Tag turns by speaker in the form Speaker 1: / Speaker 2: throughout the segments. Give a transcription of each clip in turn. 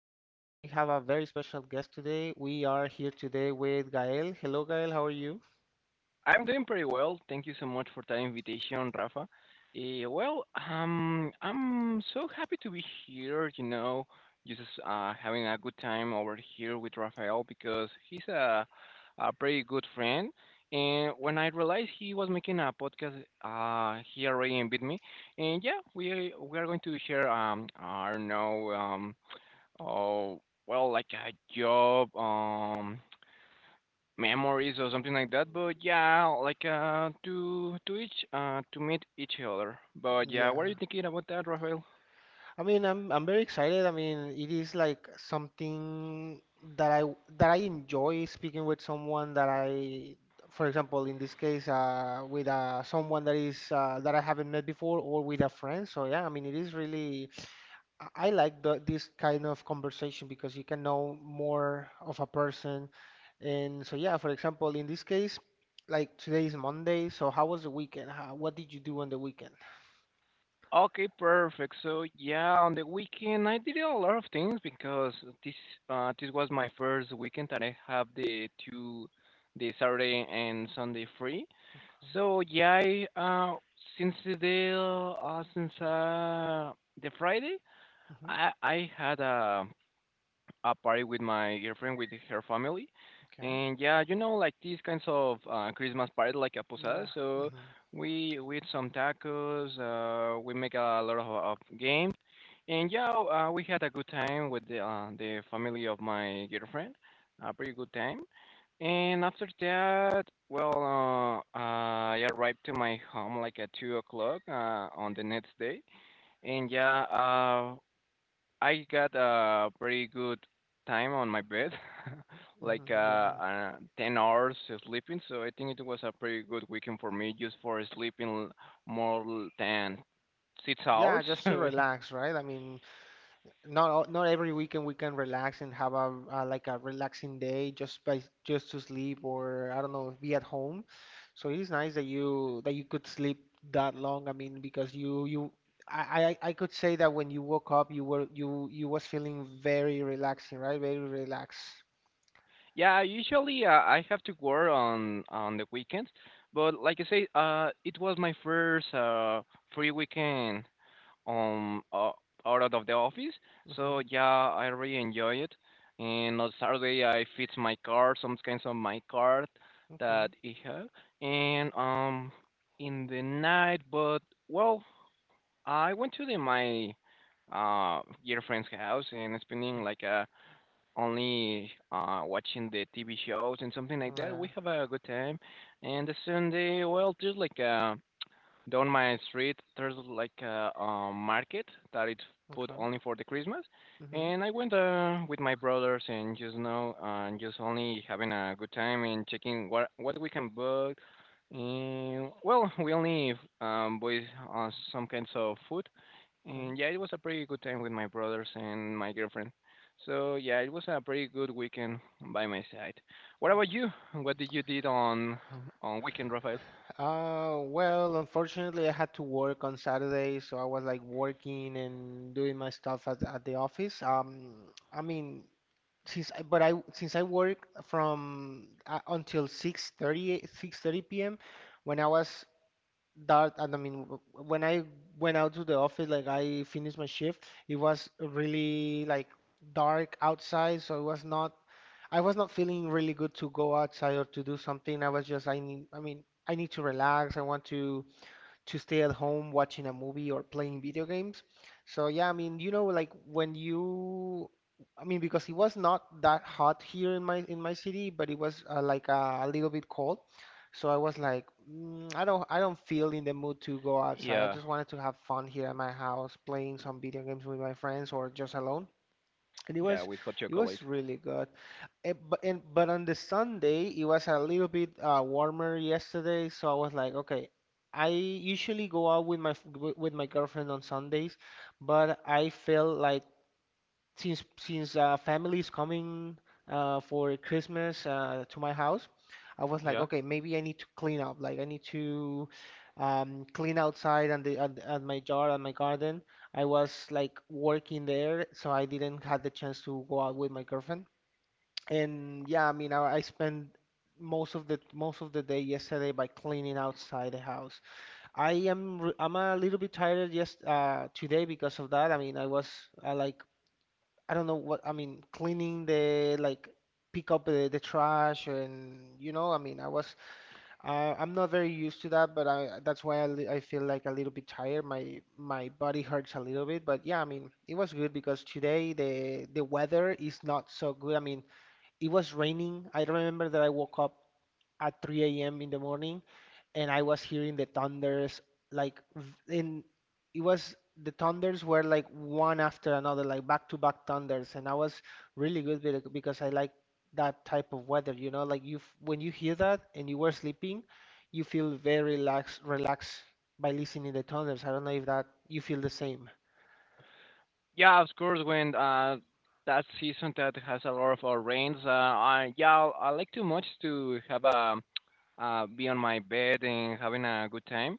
Speaker 1: have a very special guest. Today we are here today with Gael. Hello, Gael. How are you?
Speaker 2: I'm doing pretty well. Thank you so much for that invitation, Rafa. I'm so happy to be here, you know, just having a good time over here with Rafael because he's a pretty good friend. And when I realized he was making a podcast, he already invited me. And yeah, we are going to share I don't know oh like a job memories or something like that. But yeah, to meet each other. But yeah, what are you
Speaker 1: Yeah.
Speaker 2: thinking about that, Rafael?
Speaker 1: I mean, I'm very excited. I mean, it is like something that I that I enjoy speaking with someone that I, for example, in this case, with someone that is that I haven't met before or with a friend. So yeah, I mean, it is really. I like this kind of conversation because you can know more of a person. And so, yeah, for example, in this case, like today is Monday, so how was the weekend? How, what did you do on the weekend?
Speaker 2: Okay, perfect. So yeah, on the weekend I did a lot of things because this this was my first weekend that I have the Saturday and Sunday free.
Speaker 1: Okay.
Speaker 2: So yeah, I, since the Friday,
Speaker 1: hmm
Speaker 2: I had a party with my girlfriend with her family,
Speaker 1: Okay.
Speaker 2: and yeah, you know, like these kinds of Christmas party, like a posada.
Speaker 1: Yeah.
Speaker 2: So
Speaker 1: hmm
Speaker 2: we eat some tacos. We make a lot of games, and yeah, we had a good time with the family of my girlfriend. A pretty good time. And after that, I arrived to my home like at 2 o'clock on the next day, and I got a pretty good time on my bed, like uh,
Speaker 1: Yeah.
Speaker 2: uh, 10 hours of sleeping. So I think it was a pretty good weekend for me just for sleeping more than six
Speaker 1: Yeah,
Speaker 2: hours.
Speaker 1: just to
Speaker 2: So,
Speaker 1: relax, right? I mean, not every weekend we can relax and have a like a relaxing day just to sleep or, I don't know, be at home. So it is nice that you could sleep that long. I mean, because you I could say that when you woke up you were you you was feeling very relaxing, right? Very relaxed.
Speaker 2: yeah, usually I have to work on the weekends, but like I say, it was my first free weekend um uh, out of the office. So
Speaker 1: Mhm.
Speaker 2: yeah, I really enjoy it. And on Saturday I fix my car, some kinds of my car
Speaker 1: Okay.
Speaker 2: that I have. And in the night, well, I went to the my uh girlfriend's house and spending like only watching the TV shows and something like that. We
Speaker 1: Yeah.
Speaker 2: have a good time. And the Sunday, well, just down my street, there's a market that it's put
Speaker 1: Okay.
Speaker 2: only for the Christmas,
Speaker 1: Mhm.
Speaker 2: and I went with my brothers and just now and just only having a good time and checking what we can book. And well, we only bought some kinds of food, and yeah, it was a pretty good time with my brothers and my girlfriend. So yeah, it was a pretty good weekend by my side. What about you? What did you did on weekend, Rafael?
Speaker 1: Well, unfortunately, I had to work on Saturday, so I was like working and doing my stuff at the office. I mean, since I work from until six thirty p.m. when I was that and I mean w- when I went out to the office, like I finished my shift, it was really like dark outside, so it was not I was not feeling really good to go outside or to do something. I was just I need I mean I need to relax. I want to stay at home watching a movie or playing video games. So yeah, I mean, you know, like when you I mean because it was not that hot here in my city, but it was like a little bit cold. So I was like, I don't feel in the mood to go outside. I
Speaker 2: Yeah.
Speaker 1: just wanted to have fun here at my house, playing some video games with my friends or just alone. And
Speaker 2: Yeah, with hot
Speaker 1: it was
Speaker 2: chocolate.
Speaker 1: really good. But on the Sunday, it was a little bit warmer yesterday, so I was like, okay, I usually go out with with my girlfriend on Sundays, but I felt like since family is coming for Christmas to my house. I was like,
Speaker 2: Yeah.
Speaker 1: okay, maybe I need to clean up. Like I need to clean outside and and my yard and my garden. I was like working there, so I didn't have the chance to go out with my girlfriend. And yeah, I mean, I spent most of the day yesterday by cleaning outside the house. I'm a little bit tired yes today because of that. I mean, I like I don't know what I mean, cleaning the like pick up the trash, and you know, I mean, I was I'm not very used to that, but I that's why I feel like a little bit tired. My body hurts a little bit, but yeah, I mean, it was good because today the weather is not so good. I mean, it was raining. I remember that I woke up at 3 a.m. in the morning and I was hearing the thunders like v- in it was the thunders were like one after another, like back to back thunders, and I was really good with it because I like that type of weather, you know, like when you hear that and you were sleeping, you feel very relaxed by listening to the thunders. I don't know if that you feel the same.
Speaker 2: Yeah, of course. When That season that has a lot of rains, I yeah, I like too much to have a be on my bed and having a good time.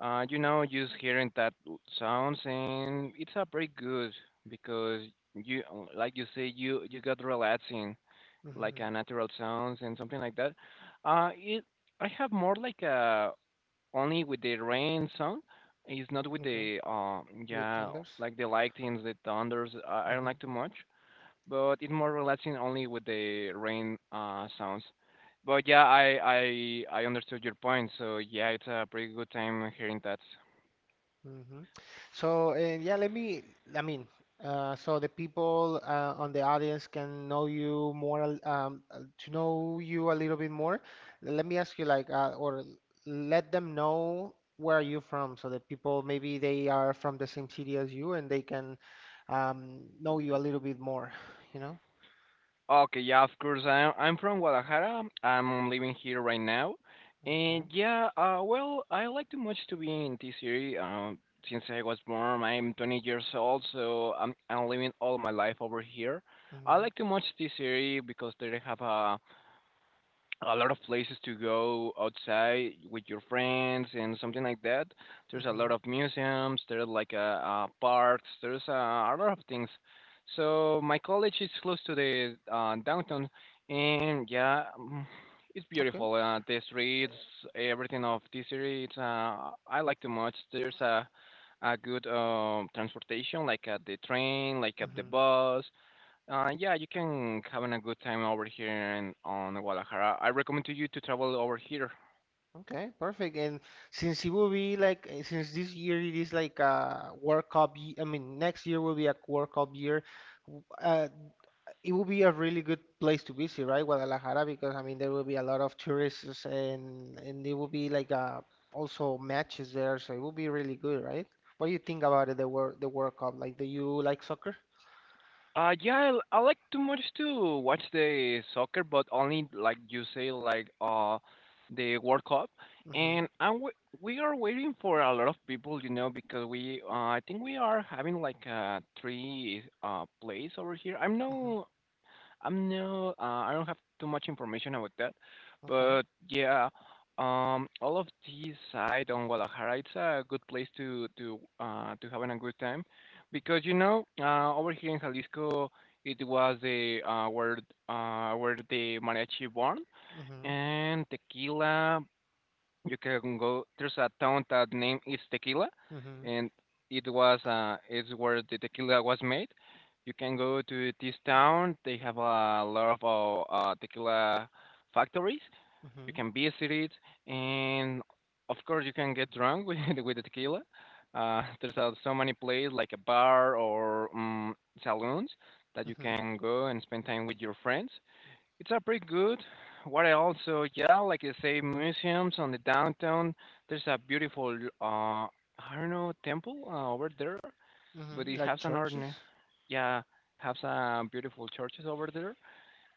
Speaker 2: You know, just hearing that sounds and it's a pretty good because you, like you say, you got relaxing, like
Speaker 1: hmm
Speaker 2: a natural sounds and something like that. It I have more like a only with the rain sound. It's not with
Speaker 1: Okay,
Speaker 2: the
Speaker 1: with the
Speaker 2: yeah
Speaker 1: thunders.
Speaker 2: like the lightings, the thunders. I don't like too much, but it's more relaxing only with the rain sounds. But yeah, I understood your point. So yeah, it's a pretty good time hearing that.
Speaker 1: hmm So, and yeah, let me, I mean, so the people on the audience can know you more, to know you a little bit more. Let me ask you, like, or let them know where are you from, so that people maybe they are from the same city as you and they can know you a little bit more, you know?
Speaker 2: Okay, yeah, of course. I'm from Guadalajara. I'm living here right now, and
Speaker 1: Okay.
Speaker 2: yeah, I like too much to be in this city. Since I was born, I'm 20 years old, so I'm living all my life over here. I
Speaker 1: hmm
Speaker 2: like too much this city because they have a lot of places to go outside with your friends and something like that. There's a lot
Speaker 1: hmm
Speaker 2: of museums, there's like parks, there's a lot of things. So my college is close to the downtown, and it's
Speaker 1: Okay.
Speaker 2: beautiful. The streets, everything of this city, it's I like too much. There's a good transportation, like the train, like the
Speaker 1: Mm-hmm.
Speaker 2: bus. Yeah, you can having a good time over here in on Guadalajara. I recommend to you to travel over here.
Speaker 1: Okay, perfect. And since it will be like since this year it is like a World Cup, I mean next year will be a World Cup year. w- Uh, it will be a really good place to visit, right, Guadalajara? Because I mean there will be a lot of tourists, and there will be like also matches there, so it will be really good, right? What do you think about it, the World Cup? Like, do you like soccer?
Speaker 2: Yeah, I like too much to watch the soccer, but only like you say, like the World Cup.
Speaker 1: Mm-hmm.
Speaker 2: And we are waiting for a lot of people, you know, because we I think we are having like three plays over here.
Speaker 1: Mm-hmm.
Speaker 2: I don't have too much information about that,
Speaker 1: Okay.
Speaker 2: but yeah, all of these side on Guadalajara, it's a good place to having a good time, because you know, over here in Jalisco, it was the where the mariachi born
Speaker 1: Mm-hmm.
Speaker 2: and tequila, you can go. There's a town that name is Tequila,
Speaker 1: Mm-hmm.
Speaker 2: and it was it's where the tequila was made. You can go to this town. They have a lot of tequila factories. You
Speaker 1: Mm-hmm.
Speaker 2: can visit it, and of course you can get drunk with the tequila. There's so many places like a bar or saloons that you
Speaker 1: Mm-hmm.
Speaker 2: can go and spend time with your friends. It's a pretty good. What I also, yeah, like I say, museums on the downtown. There's a beautiful, I don't know, temple over there, but
Speaker 1: Mm-hmm.
Speaker 2: it
Speaker 1: Like
Speaker 2: has an
Speaker 1: churches?
Speaker 2: organ. Yeah, have some beautiful churches over there,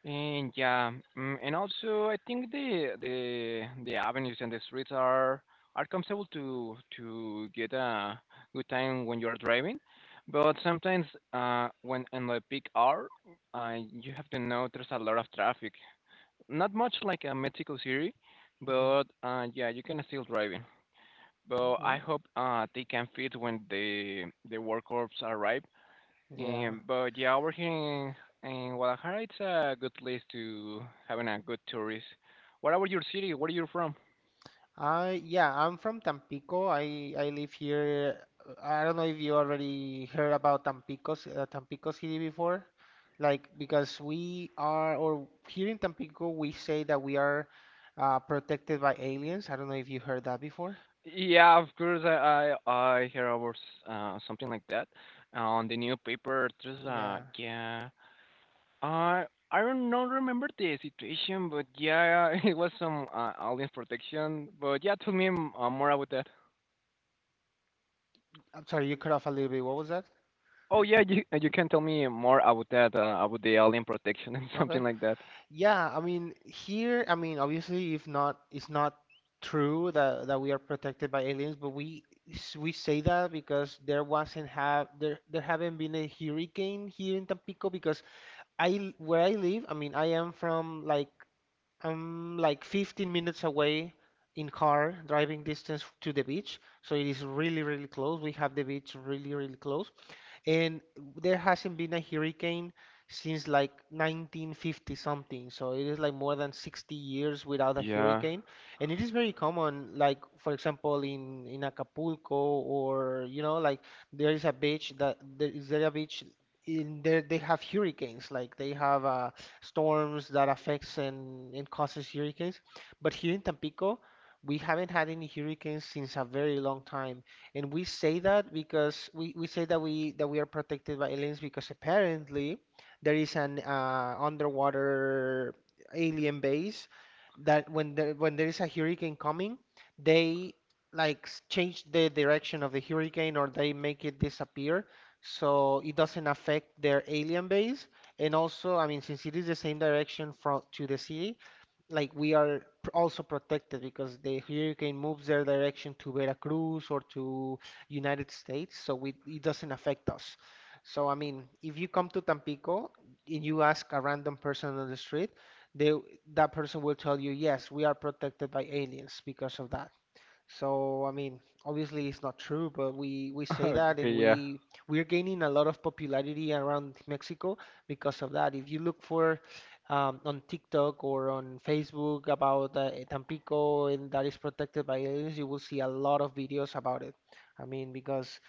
Speaker 2: and and also I think the avenues and the streets are comfortable to get a good time when you're driving, but sometimes when on the peak hour, you have to know there's a lot of traffic not much like a Mexico City,
Speaker 1: Mm-hmm.
Speaker 2: but yeah, you can still drive it. But
Speaker 1: Okay.
Speaker 2: I hope they can fit when the World Cups arrive.
Speaker 1: Yeah.
Speaker 2: But yeah, over here in Guadalajara, it's a good place to having a good tourist. What about your city? Where are you from?
Speaker 1: I'm from Tampico. I live here. I don't know if you already heard about Tampico, Tampico City before. Like because we are, or here in Tampico, we say that we are protected by aliens. I don't know if you heard that before.
Speaker 2: Yeah, of course. I hear about something like that on the newspaper. There's
Speaker 1: Yeah.
Speaker 2: yeah. Uh, I don't know, remember the situation, but yeah, it was some alien protection. But yeah, tell me more about that.
Speaker 1: I'm sorry, you cut off a little bit. What was that?
Speaker 2: Oh yeah, you can tell me more about that, about the alien protection and something
Speaker 1: Okay.
Speaker 2: like that.
Speaker 1: Yeah, I mean here, I mean obviously if not it's not true that we are protected by aliens, but we say that because there haven't been a hurricane here in Tampico because where I live, I mean I am from I'm like 15 minutes away in car driving distance to the beach, so it is really really close. We have the beach really really close. And there hasn't been a hurricane since like 1950 something. So it is like more than 60 years without a
Speaker 2: Yeah.
Speaker 1: hurricane. And it is very common, like for example in Acapulco or you know like there a beach in there they have hurricanes, like they have storms that affects and causes hurricanes. But here in Tampico, we haven't had any hurricanes since a very long time. And we say that because we say that we are protected by aliens because apparently there is an underwater alien base that when there is a hurricane coming, they change the direction of the hurricane, or they make it disappear so it doesn't affect their alien base. And also, I mean, since it is the same direction from to the city, like we are also protected because the hurricane moves their direction to Veracruz or to United States, so we, it doesn't affect us. So I mean, if you come to Tampico and you ask a random person on the street, they that person will tell you, yes, we are protected by aliens because of that. So, I mean, obviously it's not true, but we say that,
Speaker 2: Okay,
Speaker 1: and
Speaker 2: yeah.
Speaker 1: we're gaining a lot of popularity around Mexico because of that. If you look for on TikTok or on Facebook about Tampico and that is protected by aliens, you will see a lot of videos about it. I mean, because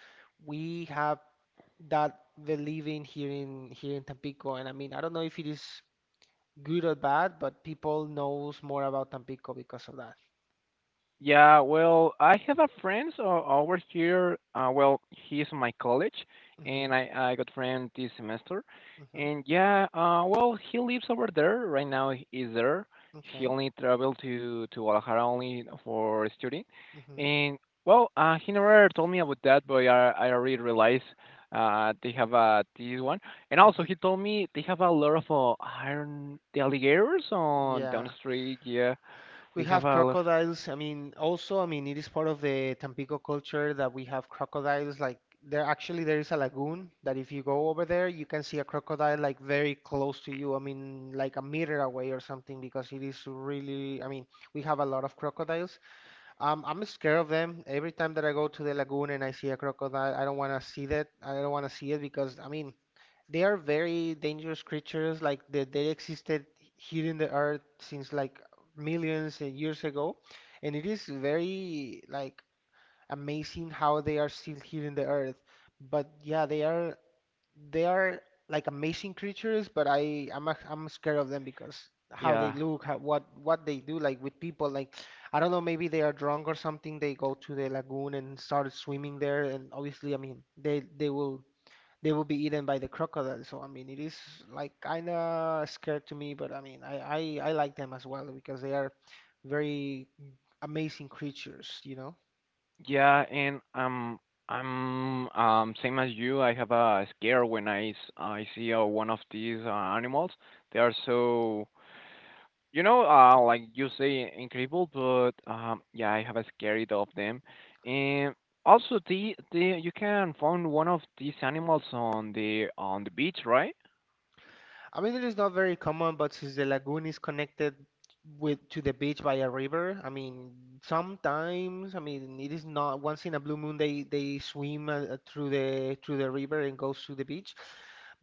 Speaker 1: we have that believing here in Tampico, and I mean, I don't know if it is good or bad, but people knows more about Tampico because of that.
Speaker 2: Yeah, well, I have a friend so over here. Well, he's in my college, and
Speaker 1: hmm
Speaker 2: I got friend this semester.
Speaker 1: hmm
Speaker 2: And yeah, he lives over there right now. He's there. He
Speaker 1: Okay.
Speaker 2: only travel to Guadalajara only for studying.
Speaker 1: hmm
Speaker 2: And well, he never told me about that, but I already realized they have this one. And also,
Speaker 1: hmm
Speaker 2: he told me they have a lot of iron the alligators on down the
Speaker 1: Yeah,
Speaker 2: street. Yeah,
Speaker 1: we
Speaker 2: they have
Speaker 1: have
Speaker 2: a lot.
Speaker 1: crocodiles. I mean, also, I mean, it is part of the Tampico culture that we have crocodiles. Like there, actually, there is a lagoon that if you go over there, you can see a crocodile like very close to you. I mean, like a meter away or something, because it is really. I mean, we have a lot of crocodiles. I'm scared of them. Every time that I go to the lagoon and I see a crocodile, I don't want to see that. I don't want to see it because I mean. They are very dangerous creatures. Like they existed here in the earth since like millions of years ago, and it is very like amazing how they are still here in the earth. But yeah, they are like amazing creatures, but I'm scared of them because how they
Speaker 2: Yeah.
Speaker 1: look, how, what they do, like with people, like I don't know, maybe they are drunk or something. They go to the lagoon and start swimming there, and obviously, I mean, they will be eaten by the crocodile. So I mean, it is like kind of scared to me, but I mean, I like them as well because they are very amazing creatures, you know.
Speaker 2: Yeah, and I'm same as you. I have a scare when I see one of these animals. They are so you know like you say incredible, but yeah, I have a scary of them. And also the you can find one of these animals on the beach, right?
Speaker 1: I mean, it is not very common, but since the lagoon is connected with to the beach by a river. I mean, sometimes, I mean, it is not once in a blue moon they swim through the river and goes to the beach.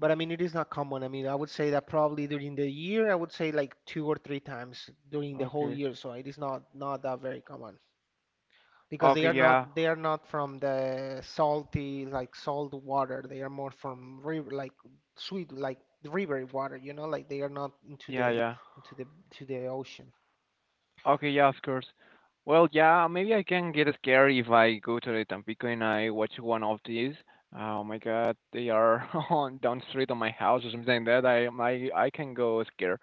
Speaker 1: But I mean, it is not common. I mean, I would say that probably during the year, I would say like two or three times during the whole
Speaker 2: Okay.
Speaker 1: year. So it is not that very common because they
Speaker 2: Okay,
Speaker 1: are
Speaker 2: yeah,
Speaker 1: not they are not from the salty, like salt water. They are more from river, like sweet, like river water, you know, like they are not into
Speaker 2: yeah,
Speaker 1: the
Speaker 2: yeah.
Speaker 1: into the to the ocean.
Speaker 2: Okay, yeah, of course. Well, yeah, maybe I can get scared if I go to the Tampico and I watch one of these. Oh my God, they are on down the street on my house or something like that. I can go scared.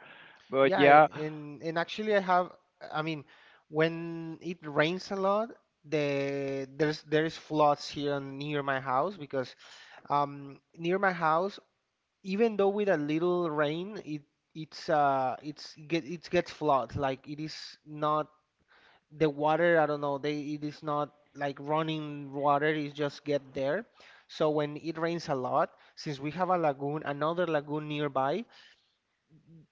Speaker 2: But
Speaker 1: Yeah, I-
Speaker 2: yeah,
Speaker 1: and and actually I have, I mean, when it rains a lot, there is floods here near my house because near my house, even though with a little rain, it gets flood, like it is not the water, I don't know, they it is not like running water, it's just get there. So when it rains a lot, since we have a lagoon, another lagoon nearby,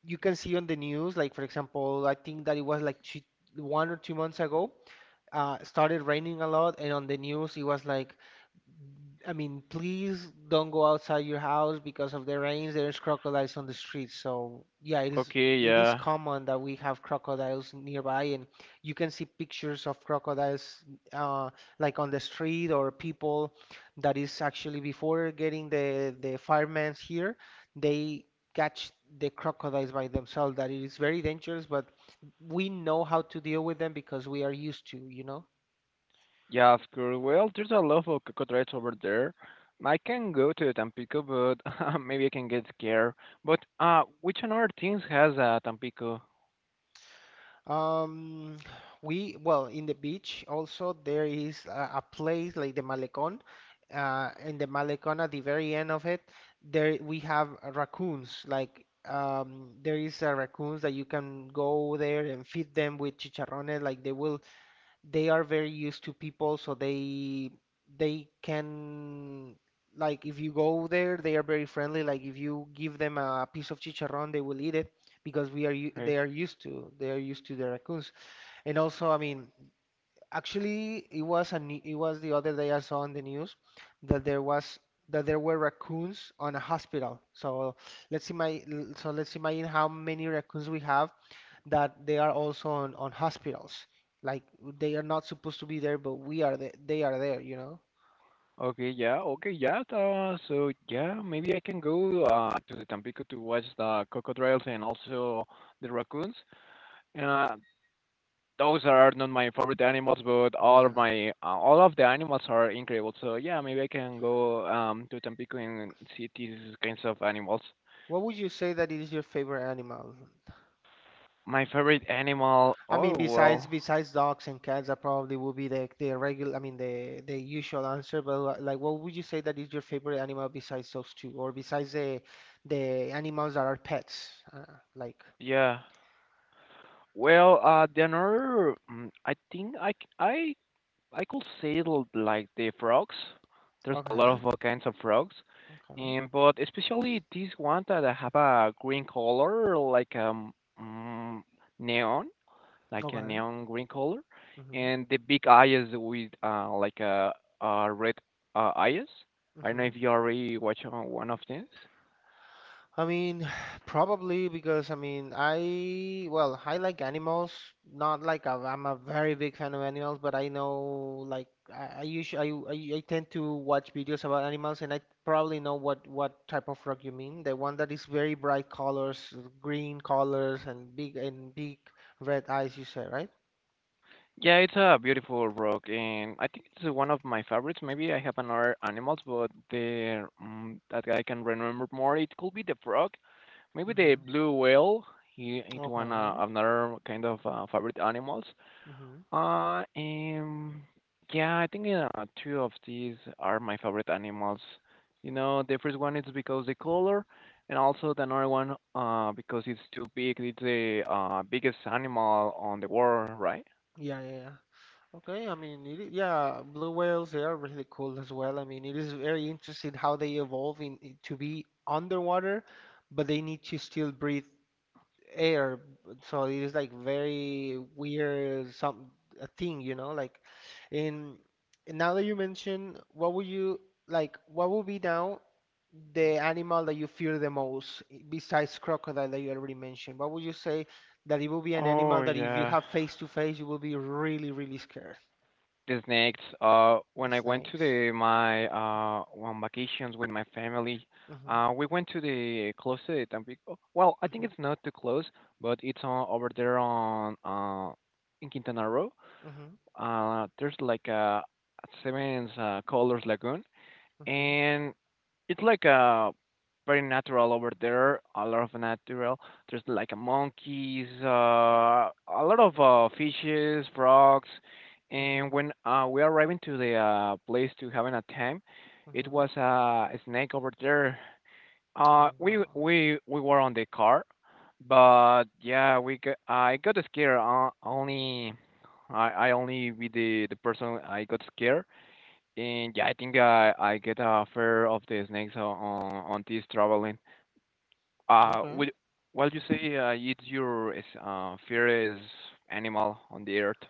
Speaker 1: you can see on the news, like for example, I think that it was like 1 or 2 months ago. Started raining a lot, and on the news it was like, I mean, please don't go outside your house because of the rains. There's crocodiles on the streets. So yeah, it is
Speaker 2: okay,
Speaker 1: it is
Speaker 2: yeah,
Speaker 1: common that we have crocodiles nearby, and you can see pictures of crocodiles, uh, like on the street, or people that is actually, before getting the firemen here, they catch the crocodiles by themselves. That, it is very dangerous, but we know how to deal with them because we are used to, you know.
Speaker 2: yeah, of course. Well, there's a lot of crocodiles over there. I can go to the Tampico, but maybe I can get scared. But which another things has Tampico?
Speaker 1: Um, we well in the beach also, there is a place like the Malecón. In the Malecón at the very end of it, there we have raccoons. Like there is raccoons that you can go there and feed them with chicharrones. Like they are very used to people, so they can, like if you go there, they are very friendly. Like if you give them a piece of chicharrón, they will eat it because
Speaker 2: Eh,
Speaker 1: they are used to the raccoons. And also, I mean, actually, it was the other day I saw on the news that there was that there were raccoons on a hospital. So let's imagine how many raccoons we have, that they are also on hospitals. Like they are not supposed to be there, but they are there, you know?
Speaker 2: Okay, yeah, okay, yeah. So yeah, maybe I can go to the Tampico to watch the crocodiles and also the raccoons. Uh, those are not my favorite animals, but all of
Speaker 1: Yeah.
Speaker 2: the animals are incredible. So yeah, maybe I can go to Tampico and see these kinds of animals.
Speaker 1: What would you say that is your favorite animal?
Speaker 2: My favorite animal.
Speaker 1: I mean,
Speaker 2: Oh
Speaker 1: besides
Speaker 2: well,
Speaker 1: besides dogs and cats, that probably would be the regular, I mean, the usual answer. But like, what would you say that is your favorite animal besides those two, or besides the animals that are pets? Like,
Speaker 2: yeah. Well, I think I c- I could say like the frogs. There's a lot
Speaker 1: okay,
Speaker 2: of all kinds of frogs,
Speaker 1: okay,
Speaker 2: and but especially this one that have a green color, like mm, neon, like a
Speaker 1: okay.
Speaker 2: neon green color, and the big eyes with like a red eyes. I don't know
Speaker 1: Mm-hmm,
Speaker 2: if you already watched one of these.
Speaker 1: I mean, probably because, I mean, I well, I like animals. Not I'm a very big fan of animals, but I know, like, I usually I tend to watch videos about animals, and I probably know what type of frog you mean. The one that is very bright colors, green colors, and big red eyes. You say, right?
Speaker 2: Yeah, it's a beautiful frog, and I think it's one of my favorites. Maybe I have another animals, but the that I can remember more, it could be the frog, maybe the
Speaker 1: Mm-hmm.
Speaker 2: blue whale. He, it's one
Speaker 1: Okay.
Speaker 2: another kind of favorite animals.
Speaker 1: Mm-hmm.
Speaker 2: Uh, um, yeah, I think two of these are my favorite animals. You know, the first one is because the color, and also the another one because it's too big. It's the biggest animal on the world, right?
Speaker 1: Yeah, yeah, yeah. Okay, I mean, yeah, blue whales, they are really cool as well. I mean, it is very interesting how they evolve to be underwater, but they need to still breathe air. So it is like very weird, some a thing, you know, like in and now that you mention, what would you like, what would be now the animal that you fear the most, besides crocodile that you already mentioned? What would you say that it would be an animal
Speaker 2: Oh,
Speaker 1: that if you
Speaker 2: yeah.
Speaker 1: have face to face, you will be really, really scared?
Speaker 2: The snakes.
Speaker 1: The
Speaker 2: When I went to
Speaker 1: snakes.
Speaker 2: the my on vacations with my family,
Speaker 1: Mhm.
Speaker 2: we went to the close to the Tampico. Well, I think
Speaker 1: Mhm.
Speaker 2: it's not too close, but it's on over there on in Quintana Roo.
Speaker 1: Mhm.
Speaker 2: There's like a seven Colors Lagoon
Speaker 1: Mhm.
Speaker 2: and it's like a very natural over there. A lot of natural. There's like a monkeys, a lot of fishes, frogs, and
Speaker 1: Mhm.
Speaker 2: when we are arriving to the place to having a time, it
Speaker 1: Mhm.
Speaker 2: was a snake over there.
Speaker 1: Oh
Speaker 2: We
Speaker 1: wow.
Speaker 2: we we were on the car, but yeah, we got, I got scared. Only I only be the person I got scared and yeah, I think I get a fair of the snakes on this traveling.
Speaker 1: Okay.
Speaker 2: Would what you
Speaker 1: Mhm.
Speaker 2: say? It's your is, favorite animal on the earth.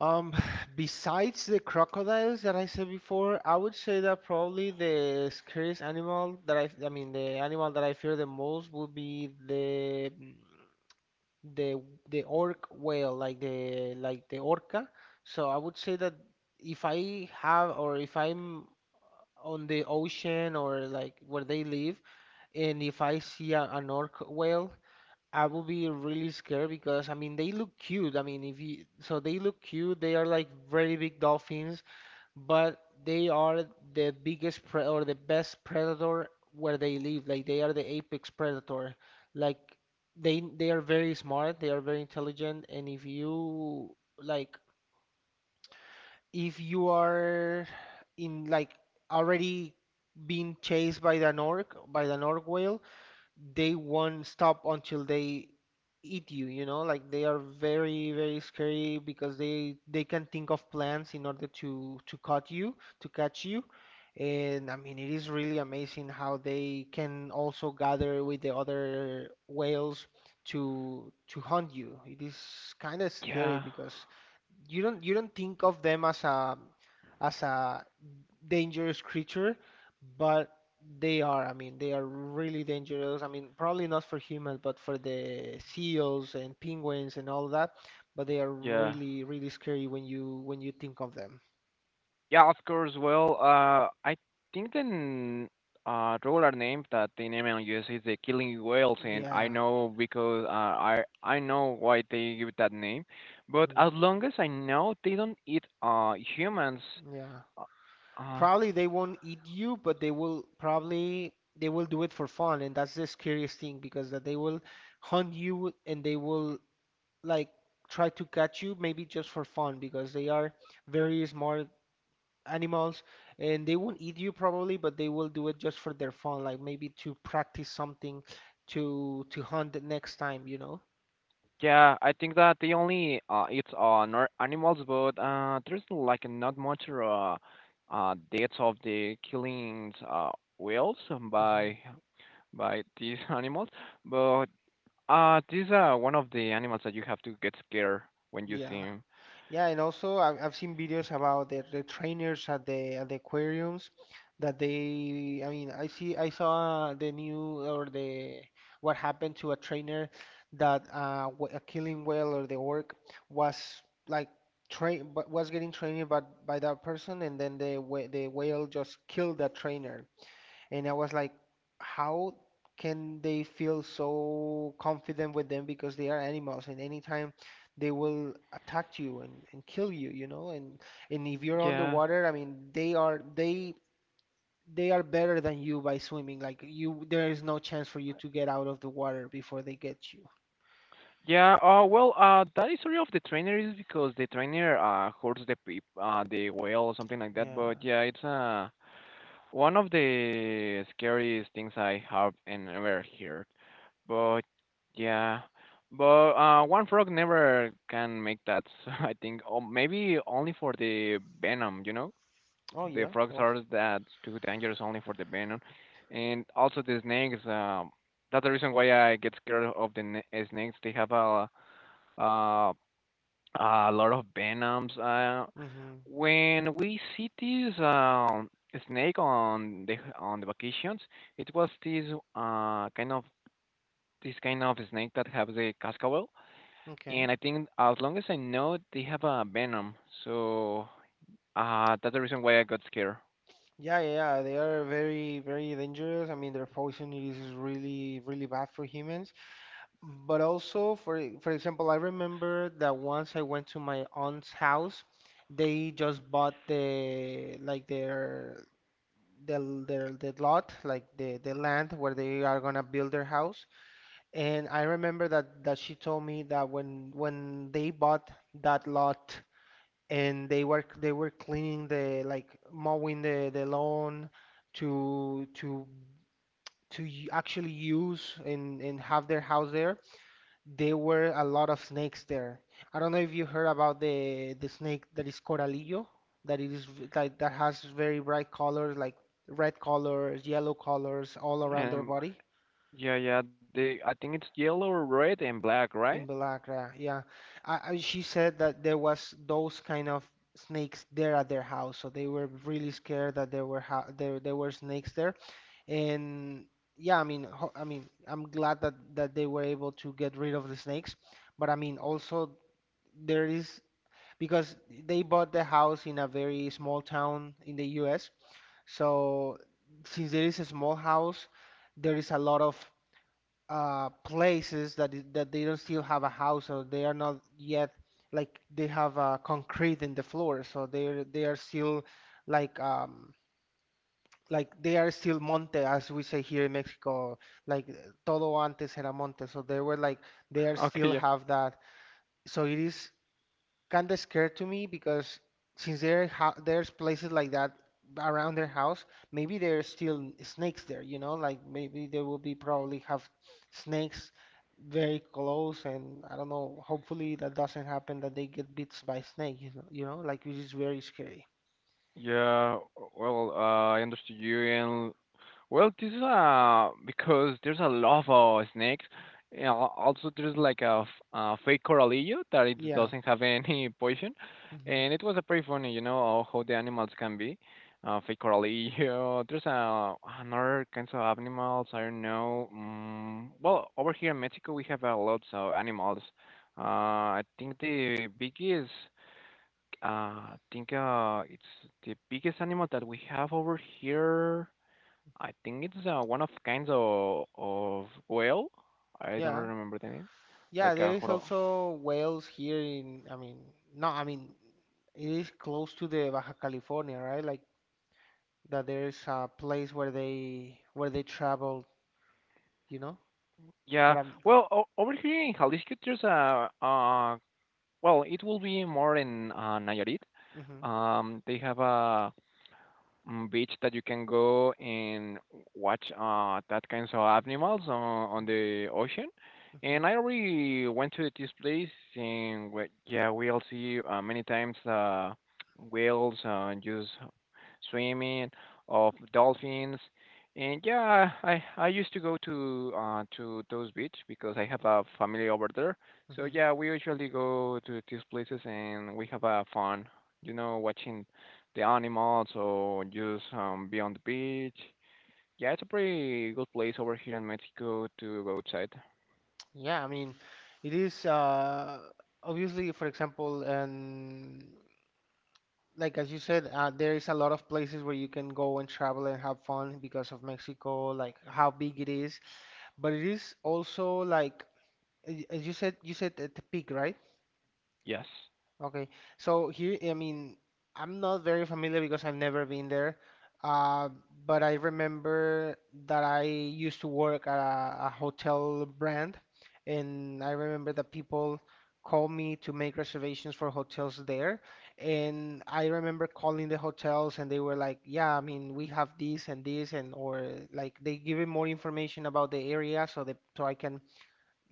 Speaker 1: Um, besides the crocodiles that I said before, I would say that probably the scariest animal that I mean, the animal that I fear the most, would be the the orc whale, like the orca. So I would say that, if I'm on the ocean, or like where they live. And if I see an orc whale, I will be really scared, because I mean, they look cute. I mean, if you so they look cute, they are like very big dolphins, but they are the biggest pre or the best predator where they live. Like they are the apex predator. Like they are very smart, they are very intelligent, and if you, like if you are in like already being chased by the orc whale, they won't stop until they eat you, you know? Like they are very, very scary, because they can think of plans in order to cut you, to catch you. And I mean, it is really amazing how they can also gather with the other whales to hunt you. It is kind of scary,
Speaker 2: Yeah,
Speaker 1: because you don't think of them as a dangerous creature, but they are, I mean, they are really dangerous. I mean, probably not for humans, but for the seals and penguins and all that, but they are
Speaker 2: yeah,
Speaker 1: really, really scary when you think of them.
Speaker 2: yeah. Of course. Well, I think the regular name that they name on US is the killing whales, and I
Speaker 1: Yeah.
Speaker 2: know because I know why they give it that name. But
Speaker 1: Mhm.
Speaker 2: as long as I know, they don't eat humans.
Speaker 1: Yeah.
Speaker 2: Uh, uh,
Speaker 1: Probably they won't eat you, but they will probably they will do it for fun, and that's the scariest thing, because that they will hunt you, and they will, like, try to catch you maybe just for fun, because they are very smart animals, and they won't eat you probably, but they will do it just for their fun, like maybe to practice something, to hunt the next time.
Speaker 2: Yeah, I think that the only it's on ar- animals, but there's like not much deaths of the killings whales
Speaker 1: Hmm.
Speaker 2: by by these animals. But these are one of the animals that you have to get scared when you see
Speaker 1: Yeah.
Speaker 2: him.
Speaker 1: Yeah, and also I've seen videos about the trainers at the aquariums, that they, I mean, I saw the new, or the — what happened to a trainer that, a killing whale, or the orc, was like train but was getting trained by that person, and then the whale just killed that trainer. And I was like, how can they feel so confident with them, because they are animals, and anytime they will attack you and kill you, you know? And if you're
Speaker 2: Yeah.
Speaker 1: underwater, I mean, they they are better than you by swimming. Like, you, there is no chance for you to get out of the water before they get you.
Speaker 2: Yeah, well, that is story of the trainer is because the trainer hurts the peep, the whale or something like that.
Speaker 1: Yeah.
Speaker 2: But yeah, it's one of the scariest things I have and ever heard. But yeah, but one frog never can make that. So I think, or maybe only for the venom. You know,
Speaker 1: Oh
Speaker 2: the
Speaker 1: yeah.
Speaker 2: frogs
Speaker 1: Well.
Speaker 2: are that too dangerous only for the venom, and also the snakes. That's the reason why I get scared of the na- snakes. They have uh, a lot of venoms.
Speaker 1: Mm-hmm.
Speaker 2: When we see this snake on the vacations, it was uh kind of this kind of snake that has a cascabel,
Speaker 1: Okay.
Speaker 2: and I think as long as I know, they have a venom. So that's the reason why I got scared.
Speaker 1: Yeah, yeah, yeah. They are very, very dangerous. I mean, their poison is really, really bad for humans. But also, for example, I remember that once I went to my aunt's house, they just bought the lot, like the land where they are gonna build their house. And I remember that she told me that when they bought that lot, and they were cleaning, the like mowing the lawn, to to to actually use and have their house there, were a lot of snakes there. I don't know if you heard about the snake that is Coralillo, that that has very bright colors, like red colors, yellow colors, all around their
Speaker 2: Um,
Speaker 1: body.
Speaker 2: yeah, yeah. They, I think it's yellow, red, and black,
Speaker 1: In
Speaker 2: right?
Speaker 1: Belacra, yeah, yeah. She said that there was those kind of snakes there at their house, so they were really scared that there were snakes there. And yeah, I mean, ho I mean, I'm glad that they were able to get rid of the snakes, but I mean, also there is, because they bought the house in a very small town in the US. So since there is a small house, there is a lot of places that is, that they don't still have a house, or they are not yet like they have concrete in the floor. So they are still, like, like they are still monte, as we say here in Mexico, like todo antes era monte. So they were like they are
Speaker 2: Okay,
Speaker 1: still
Speaker 2: yeah.
Speaker 1: have that. So it is kind of scared to me, because since there's places like that around their house, maybe there's still snakes there, you know, like maybe they will be probably have snakes very close, and I don't know, hopefully that doesn't happen, that they get bit by snake, you know, like, which is very scary.
Speaker 2: Yeah, well, I understood you, and well, this is because there's a lot of snakes. And al- also, there's like a, f- a fake coralillo that it
Speaker 1: Yeah.
Speaker 2: doesn't have any poison,
Speaker 1: Hmm.
Speaker 2: and it was pretty funny, you know, how the animals can be. Fake coralillo. There's another kinds of animals. I don't know. Mm, well, over here in Mexico, we have a lots of animals. Uh, I think the biggest. I think it's the biggest animal that we have over here. I think it's one of kinds of whale. I don't
Speaker 1: Yeah.
Speaker 2: remember the name.
Speaker 1: Yeah,
Speaker 2: Like a
Speaker 1: there is
Speaker 2: horo.
Speaker 1: also whales here in, I mean, no, I mean, it is close to the Baja California, right? Like that there's a place where they travel, you know?
Speaker 2: Yeah.
Speaker 1: But I'm.
Speaker 2: Well, o over here in Jalisco, there's a well, it will be more in Nayarit.
Speaker 1: Mhm.
Speaker 2: They have a. Mm, beach that you can go and watch that kinds of animals on the ocean.
Speaker 1: Mhm.
Speaker 2: And I already went to this place, and we, yeah, we all see many times whales, just swimming, of dolphins. And yeah, I used to go to to those beach because I have a family over there. So
Speaker 1: Mhm.
Speaker 2: yeah, we usually go to these places and we have a fun, you know, watching the animals or just be on the beach. Yeah, it's a pretty good place over here in Mexico to go outside.
Speaker 1: Yeah, I mean, it is obviously for example and like as you said, there is a lot of places where you can go and travel and have fun because of Mexico, like how big it is. But it is also like as you said at the peak, right?
Speaker 2: Yes.
Speaker 1: Okay, so here, I mean, I'm not very familiar because I've never been there, uh, but I remember that I used to work at a hotel brand, and I remember that people called me to make reservations for hotels there, and I remember calling the hotels, and they were like, "Yeah, I mean, we have this and this," and or like they give me more information about the area so that so I can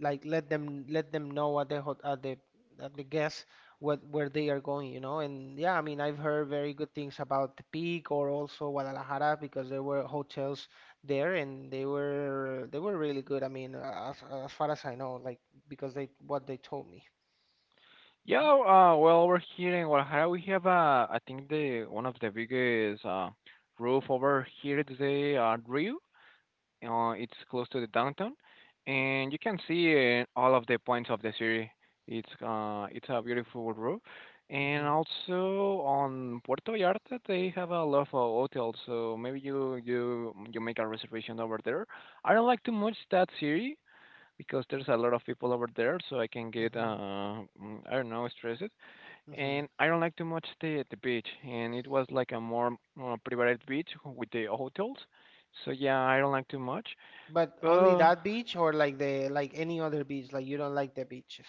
Speaker 1: like let them know at the guest what where they are going, you know. And yeah, I mean, I've heard very good things about the Peak or also Guadalajara because there were hotels there and they were really good. I mean, as far as I know, like because they what they told me.
Speaker 2: Yeah, well, over here in Guadalajara, we have, I think the one of the biggest roof over here is the Rio. It's close to the downtown, and you can see all of the points of the city. It's a beautiful road, and
Speaker 1: Hmm.
Speaker 2: also on Puerto Vallarta they have a lot of hotels. So maybe you make a reservation over there. I don't like too much that city because there's a lot of people over there, so I can get
Speaker 1: Hmm.
Speaker 2: uh mm, I don't know stressed,
Speaker 1: Hmm.
Speaker 2: and I don't like too much the beach. And it was like a more private beach with the hotels. So yeah, I don't like too much.
Speaker 1: But only
Speaker 2: Uh,
Speaker 1: that beach or like the like any other beach, like you don't like the beaches.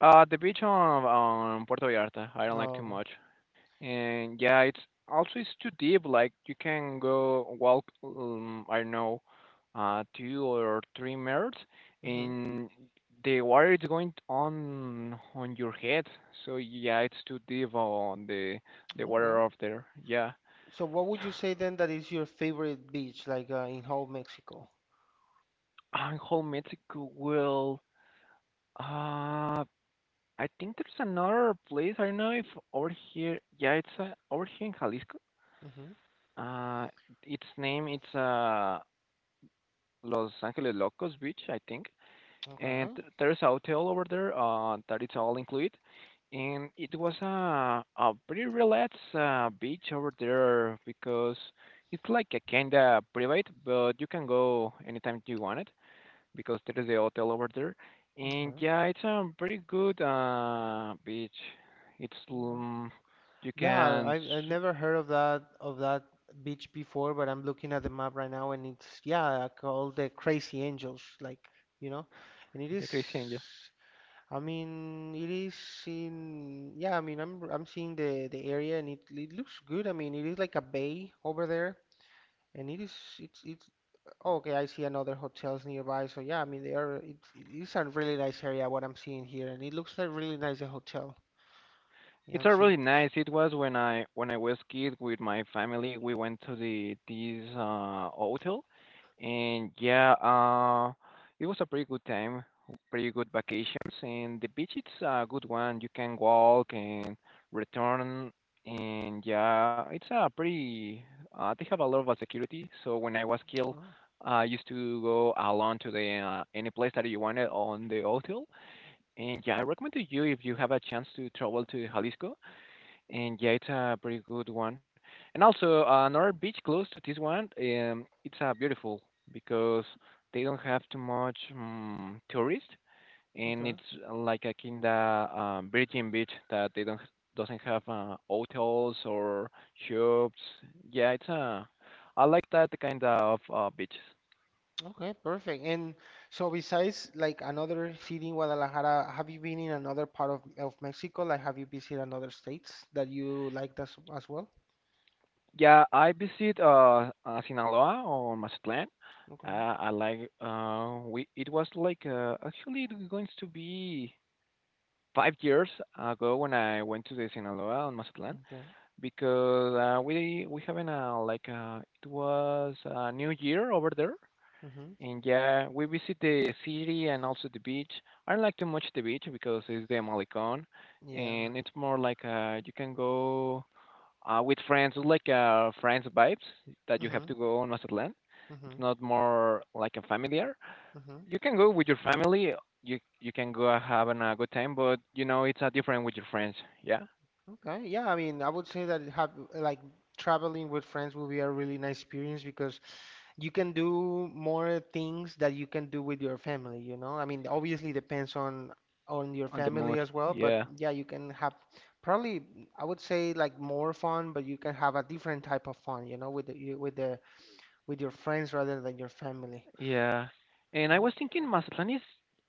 Speaker 2: the beach on Puerto Vallarta, I don't like
Speaker 1: Oh,
Speaker 2: too
Speaker 1: okay.
Speaker 2: much, and yeah, it's also it's too deep. Like you can go walk, I don't know, 2 or 3 meters,
Speaker 1: Hmm.
Speaker 2: and the water is going on your head. So yeah, it's too deep on the water
Speaker 1: Okay.
Speaker 2: up there. Yeah,
Speaker 1: So what would you say then that is your favorite beach, like in whole Mexico?
Speaker 2: and whole Mexico will. Uh, I think there's another place. I don't know if over here. Yeah, it's over here in Jalisco.
Speaker 1: Hmm.
Speaker 2: Uh, its name it's Los Angeles Locos Beach, I think. And
Speaker 1: Okay.
Speaker 2: th- there's a hotel over there that it's all included. And it was a pretty relaxed beach over there because it's like a kinda private, but you can go anytime you want it because there is a hotel over there. And
Speaker 1: Okay.
Speaker 2: yeah, it's a pretty good beach. It's
Speaker 1: Okay.
Speaker 2: you
Speaker 1: Yeah,
Speaker 2: can
Speaker 1: I
Speaker 2: s-
Speaker 1: never heard of that beach before, but I'm looking at the map right now and it's yeah, called the Crazy Angels, like, you know. And it is,
Speaker 2: the Christian
Speaker 1: I mean, it is in yeah, I mean, I'm seeing the area and it looks good. I mean, it is like a bay over there and it is it's okay, I see another hotels nearby. So yeah, I mean it's a really nice area what I'm seeing here and it looks like really nice a hotel. Yeah,
Speaker 2: it's
Speaker 1: I'm
Speaker 2: a
Speaker 1: seeing.
Speaker 2: really nice. It was when I was kid with my family. We went to the this hotel, and yeah, it was a pretty good time, pretty good vacations. And the beach, it's a good one. You can walk and return, and yeah, it's a pretty. They have a lot of security. So when I was kid,
Speaker 1: Oh,
Speaker 2: I used to go alone to the any place that you wanted on the hotel. And yeah, I recommend to you if you have a chance to travel to Jalisco and yeah, it's a pretty good one. And also another beach close to this one, it's beautiful because they don't have too much tourist, and
Speaker 1: okay.
Speaker 2: it's like a kind of virgin beach that they don't doesn't have hotels or shops. Yeah, it's I like that kind of beaches.
Speaker 1: Okay, perfect. And so besides like another city in Guadalajara, have you been in another part of Mexico? Like have you visited another states that you liked as well?
Speaker 2: Yeah, I visit Sinaloa or Mazatlán.
Speaker 1: Okay.
Speaker 2: I like we it was like actually it's going to be 5 years ago when I went to the Sinaloa on Mazatlan
Speaker 1: Okay.
Speaker 2: because we having a like it was a new year over there
Speaker 1: Mm-hmm.
Speaker 2: and yeah we visit the city and also the beach. I don't like too much the beach because it's the Malecon
Speaker 1: Yeah.
Speaker 2: and it's more like you can go with friends like friends vibes that you have
Speaker 1: Mm-hmm.
Speaker 2: to go on Mazatlan.
Speaker 1: Mm-hmm.
Speaker 2: It's not more like a familiar
Speaker 1: Mm-hmm.
Speaker 2: you can go with your family. You can go having a good time, but you know it's a different with your friends. Yeah,
Speaker 1: Okay. Yeah, I mean I would say that have like traveling with friends will be a really nice experience because you can do more things that you can do with your family, you know? I mean, obviously depends on your
Speaker 2: on the
Speaker 1: family
Speaker 2: mood.
Speaker 1: as well, but
Speaker 2: Yeah,
Speaker 1: yeah, you can have probably I would say like more fun, but you can have a different type of fun, you know, with the, you- with the with your friends rather than your family.
Speaker 2: yeah. And I
Speaker 1: Oh,
Speaker 2: was thinking Mazatlan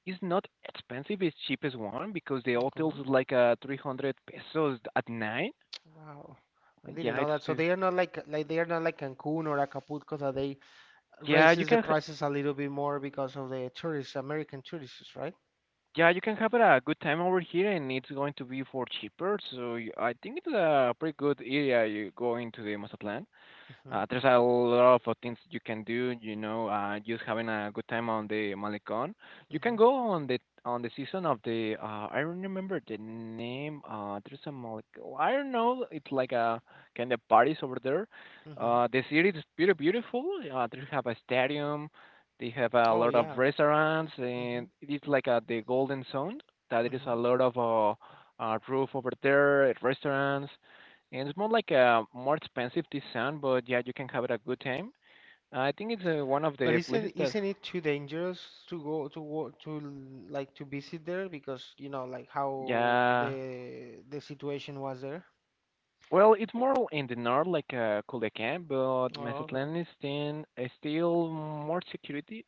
Speaker 2: is not expensive. It's cheapest one because the hotels
Speaker 1: okay.
Speaker 2: is like 300 pesos at night.
Speaker 1: Wow. I didn't
Speaker 2: Yeah,
Speaker 1: know
Speaker 2: it's
Speaker 1: that. So
Speaker 2: too.
Speaker 1: they are not like they are not like Cancun or Acapulco that they
Speaker 2: Yeah, you
Speaker 1: raises the
Speaker 2: can. Ha-
Speaker 1: prices a little bit more because of the tourists, American tourists, right?
Speaker 2: yeah, you can have a good time over here, and it's going to be for cheaper. So y- I think it's a pretty good area you go into the Mazatlan.
Speaker 1: Mm-hmm.
Speaker 2: There's a lot of things you can do, you know, just having a good time on the Malecon. You
Speaker 1: Mm-hmm.
Speaker 2: can go on the season of the I don't remember the name. There's a Malecon. I don't know. It's like a kind of parties over there.
Speaker 1: Mm-hmm.
Speaker 2: The city is pretty beautiful. They have a stadium. They have a
Speaker 1: Oh
Speaker 2: lot of
Speaker 1: yeah.
Speaker 2: restaurants,
Speaker 1: Mm-hmm.
Speaker 2: and it's like the Golden Zone. That there is a
Speaker 1: Mhm.
Speaker 2: lot of roof over there, restaurants and it's more like a more expensive discount, but yeah, you can have it a good time. I think it's one of
Speaker 1: But
Speaker 2: the places
Speaker 1: isn't
Speaker 2: that,
Speaker 1: isn't it too dangerous to go to wo- to l- like to visit there because you know like how
Speaker 2: yeah,
Speaker 1: the situation was there?
Speaker 2: well, it's more in the north, like Culiacan, but
Speaker 1: Oh, okay.
Speaker 2: Mazatlán is then still more security.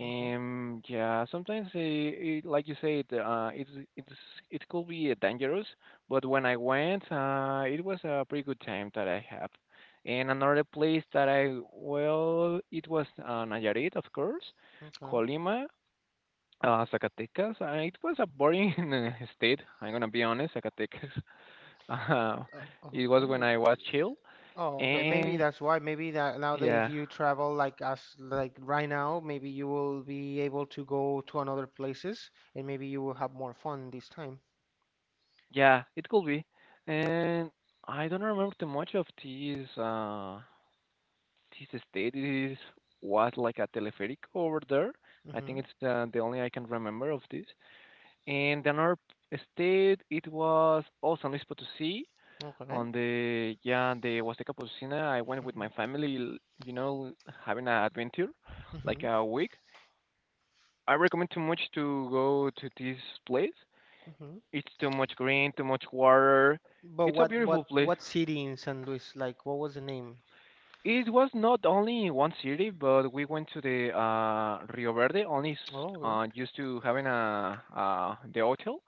Speaker 1: Okay.
Speaker 2: And yeah, sometimes it, like you said, it's it could be dangerous, but when I went, it was a pretty good time that I have. And another place that I well, it was Nayarit, of course.
Speaker 1: Okay.
Speaker 2: Colima. Zacatecas, it was a boring state. I'm gonna be honest, Zacatecas. Uh,
Speaker 1: Uh,
Speaker 2: it was when
Speaker 1: okay.
Speaker 2: I was chill,
Speaker 1: Oh, okay. Maybe
Speaker 2: and
Speaker 1: that's why. Maybe that now that if
Speaker 2: yeah,
Speaker 1: you travel like us like right now, maybe you will be able to go to another places and maybe you will have more fun this time.
Speaker 2: yeah, it could be. And I don't remember too much of this. This state it is was like a teleferic over there. I think
Speaker 1: Mm-hmm.
Speaker 2: it's the only I can remember of this. And another state, it was also San Luis Potosí.
Speaker 1: Okay.
Speaker 2: On the, yeah, the Huasteca Potosina, I went with
Speaker 1: Mm-hmm.
Speaker 2: my family, you know, having an adventure, like
Speaker 1: Mm-hmm.
Speaker 2: a week. I recommend too much to go to this place.
Speaker 1: Mm-hmm.
Speaker 2: It's too much green, too much water.
Speaker 1: But
Speaker 2: It's a
Speaker 1: what
Speaker 2: beautiful
Speaker 1: what
Speaker 2: place.
Speaker 1: what city in San Luis? Like what was the name?
Speaker 2: It was not only in one city, but we went to the Rio Verde,
Speaker 1: Oh, okay.
Speaker 2: used to having a the hotel,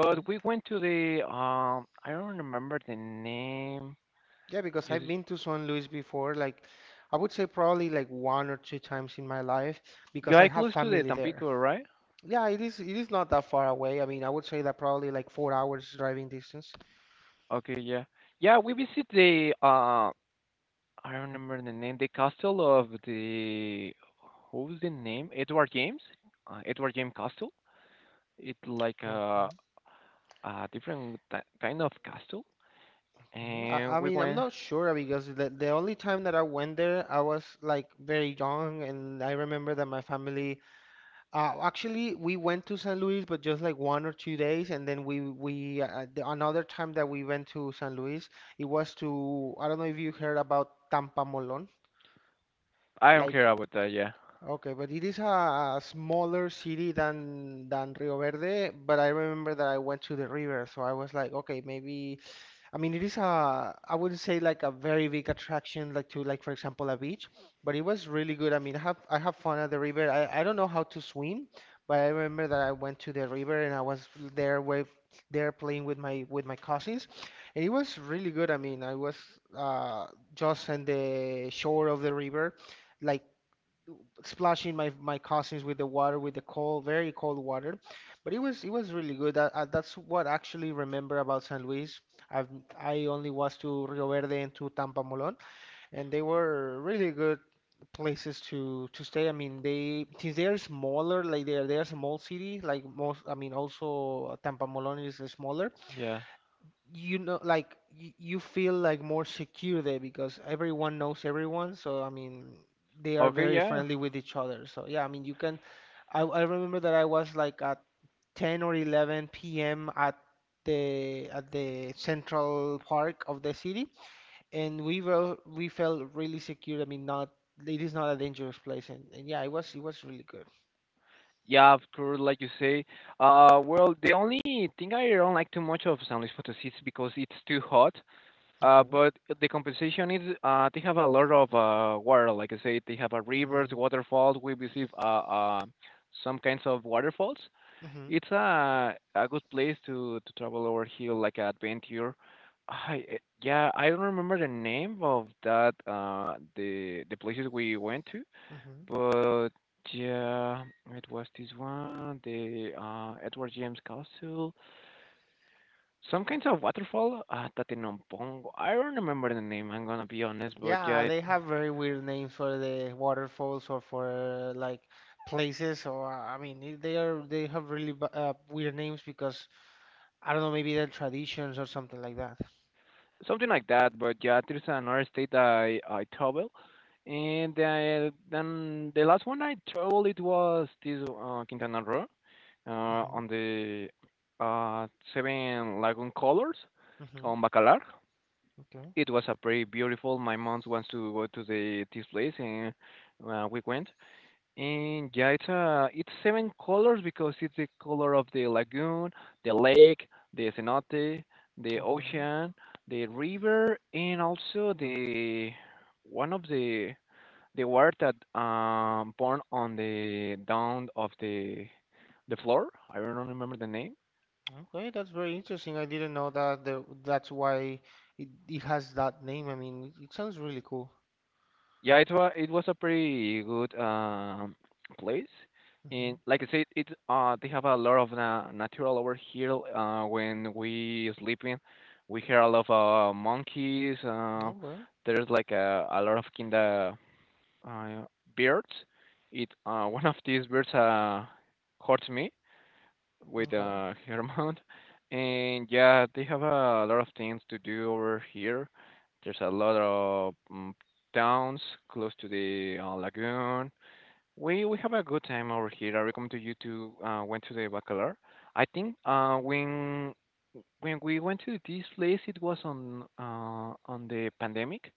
Speaker 1: Okay.
Speaker 2: we went to the I don't remember the name.
Speaker 1: Yeah, because I've
Speaker 2: Just,
Speaker 1: been to San Luis before, like I would say probably like one or two times in my life because I
Speaker 2: yeah,
Speaker 1: have
Speaker 2: close to the
Speaker 1: family there.
Speaker 2: Tampico, right?
Speaker 1: Yeah, it is not that far away. I mean, I would say that probably like 4 hours driving distance.
Speaker 2: Okay, yeah. Yeah, we visit the I don't remember the name, the castle of the what was the name? Edward James? Edward James Castle. It's like
Speaker 1: Okay,
Speaker 2: a kind of castle.
Speaker 1: okay. I,
Speaker 2: And
Speaker 1: I
Speaker 2: we
Speaker 1: mean, I'm
Speaker 2: went,
Speaker 1: not sure because the only time that I went there, I was like very young, and I remember that my family. Actually, we went to San Luis, but just like 1 or 2 days, and then another time that we went to San Luis, it was to I don't know if you heard about Tampa Molon,
Speaker 2: I don't
Speaker 1: like
Speaker 2: care about that, yeah.
Speaker 1: okay, but it is a smaller city than Rio Verde, but I remember that I went to the river, so I was like, okay, maybe I mean, it is a, I wouldn't say like a very big attraction, like to like for example a beach, but it was really good. I mean, I have fun at the river. I don't know how to swim, but I remember that I went to the river and I was there with there playing with my cousins, and it was really good. I mean, I was uh, just on the shore of the river, like splashing my cousins with the water with the cold, very cold water, but it was really good. That, that's what I actually remember about San Luis. I've I only was to Rio Verde and to Tampamolón, and they were really good places to stay. I mean, they since they are smaller, like they're a small city, like most. I mean, also Tampamolón is smaller,
Speaker 2: Yeah.
Speaker 1: you know, like you feel like more secure there because everyone knows everyone, so I mean they are
Speaker 2: Okay,
Speaker 1: very
Speaker 2: yeah.
Speaker 1: friendly with each other. So yeah, I mean you can. I remember that I was like at 10 or 11 p.m. at the central park of the city, and we felt really secure. I mean, not, it is not a dangerous place, and yeah, it was really good.
Speaker 2: Yeah, of course, like you say. Well, the only thing I don't like too much of San Luis Potosí is because it's too hot.
Speaker 1: Okay.
Speaker 2: But the compensation is, they have a lot of water. Like I said, they have a rivers,
Speaker 1: Mm-hmm.
Speaker 2: waterfalls. We receive some kinds of waterfalls.
Speaker 1: Mm-hmm.
Speaker 2: It's a good place to travel over here, like an adventure. Yeah, I don't remember the name of that the places we went to,
Speaker 1: Mm-hmm.
Speaker 2: but yeah, it was this one, the Edward James Castle. Some kinds of waterfall, Tatenampongo. I don't remember the name. I'm gonna be honest, but yeah,
Speaker 1: Yeah,
Speaker 2: it,
Speaker 1: they have very weird names for the waterfalls or for like places or I mean they have really weird names because I don't know maybe they're traditions or something like that.
Speaker 2: something like that. But yeah, there's another state I travel, and then the last one I traveled it was this Quintana Roo,
Speaker 1: Mhm.
Speaker 2: on the Seven Lagoon Colors
Speaker 1: Mhm.
Speaker 2: on Bacalar.
Speaker 1: Okay.
Speaker 2: It was a pretty beautiful. My mom wants to go to the this place, and we went. And yeah, it's seven colors because it's the color of the lagoon, the lake, the cenote, the
Speaker 1: Okay.
Speaker 2: ocean, the river, and also the one of the water that born on the down of the floor. I don't remember the name.
Speaker 1: Okay, that's very interesting. I didn't know that the, that's why it has that name. I mean, it sounds really cool.
Speaker 2: Yeah, it was a pretty good place, and
Speaker 1: Mhm.
Speaker 2: like I said, it they have a lot of na natural over here. When we sleeping, we hear a lot of monkeys.
Speaker 1: Okay.
Speaker 2: There's like a lot of kinda uh, birds. It, one of these birds hurt me, with
Speaker 1: Okay.
Speaker 2: her amount. And yeah, they have a lot of things to do over here. There's a lot of towns close to the lagoon. We have a good time over here. I recommend to you to went to the Bacalar. I think when we went to this place, it was on the pandemic,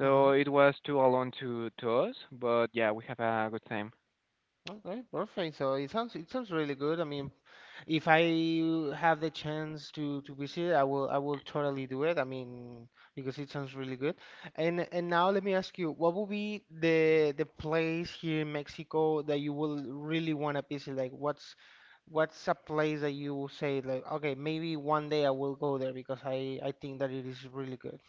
Speaker 2: so
Speaker 1: Mhm.
Speaker 2: it was too alone to us. But yeah, we have a good time.
Speaker 1: Okay, perfect. So it sounds really good. I mean, if I have the chance to visit, I will totally do it. I mean, because it sounds really good. And now let me ask you, what would be the place here in Mexico that you will really want to visit? Like, what's a place that you will say like, okay, maybe one day I will go there because I think that it is really good.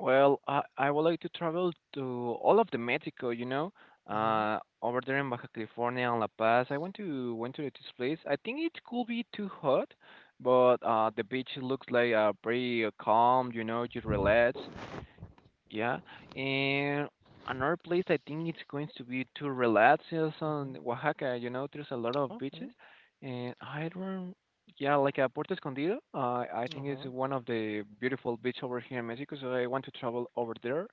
Speaker 2: Well, I would like to travel to all of the Mexico, you know,
Speaker 1: Mm-hmm.
Speaker 2: over there in Baja California and La Paz. I went to this place. I think it could be too hot, but the beach looks like pretty calm, you know, you relax. Yeah, and another place I think it's going to be to relax is
Speaker 1: Mm-hmm.
Speaker 2: on Oaxaca. You know, there's a lot of beaches,
Speaker 1: Okay.
Speaker 2: and I don't. Yeah, like Puerto Escondido. I think it's
Speaker 1: Okay.
Speaker 2: one of the beautiful beach over here in Mexico, so I want to travel over there.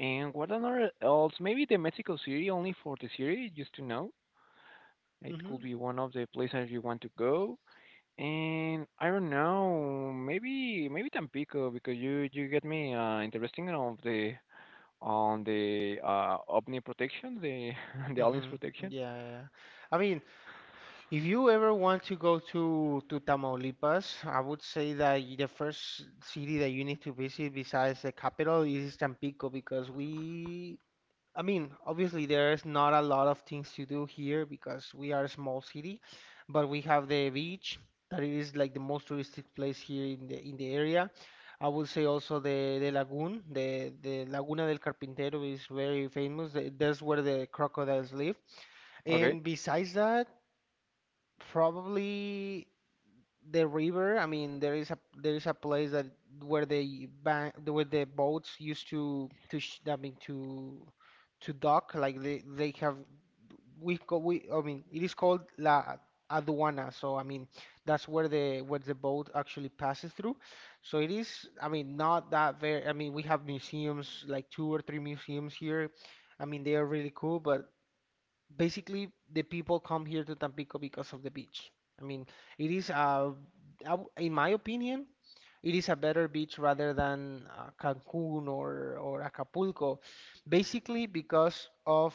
Speaker 2: And what another else? Maybe the Mexico City, only for the city, just to know. It
Speaker 1: Mm-hmm.
Speaker 2: could be one of the places you want to go. And I don't know, maybe Tampico because you get me interesting of the on the Omni protection, the the aliens
Speaker 1: Mm-hmm.
Speaker 2: protection.
Speaker 1: Yeah, yeah. Yeah. I mean, if you ever want to go to Tamaulipas, I would say that the first city that you need to visit besides the capital is Tampico because we, I mean, obviously there is not a lot of things to do here because we are a small city, but we have the beach that is like the most touristic place here in the area. I would say also the lagoon, the Laguna del Carpintero is very famous. That's where the crocodiles live.
Speaker 2: Okay.
Speaker 1: And besides that, probably the river. I mean, there is a place that where the bank where the boats used to sh I mean, to dock. Like they have we call we I mean, it is called La Aduana. So I mean that's where the boat actually passes through. So it is, I mean, not that very. I mean, we have museums like two or three museums here. I mean they are really cool, but basically the people come here to Tampico because of the beach. I mean, it is a, in my opinion, it is a better beach rather than Cancun or Acapulco, basically because of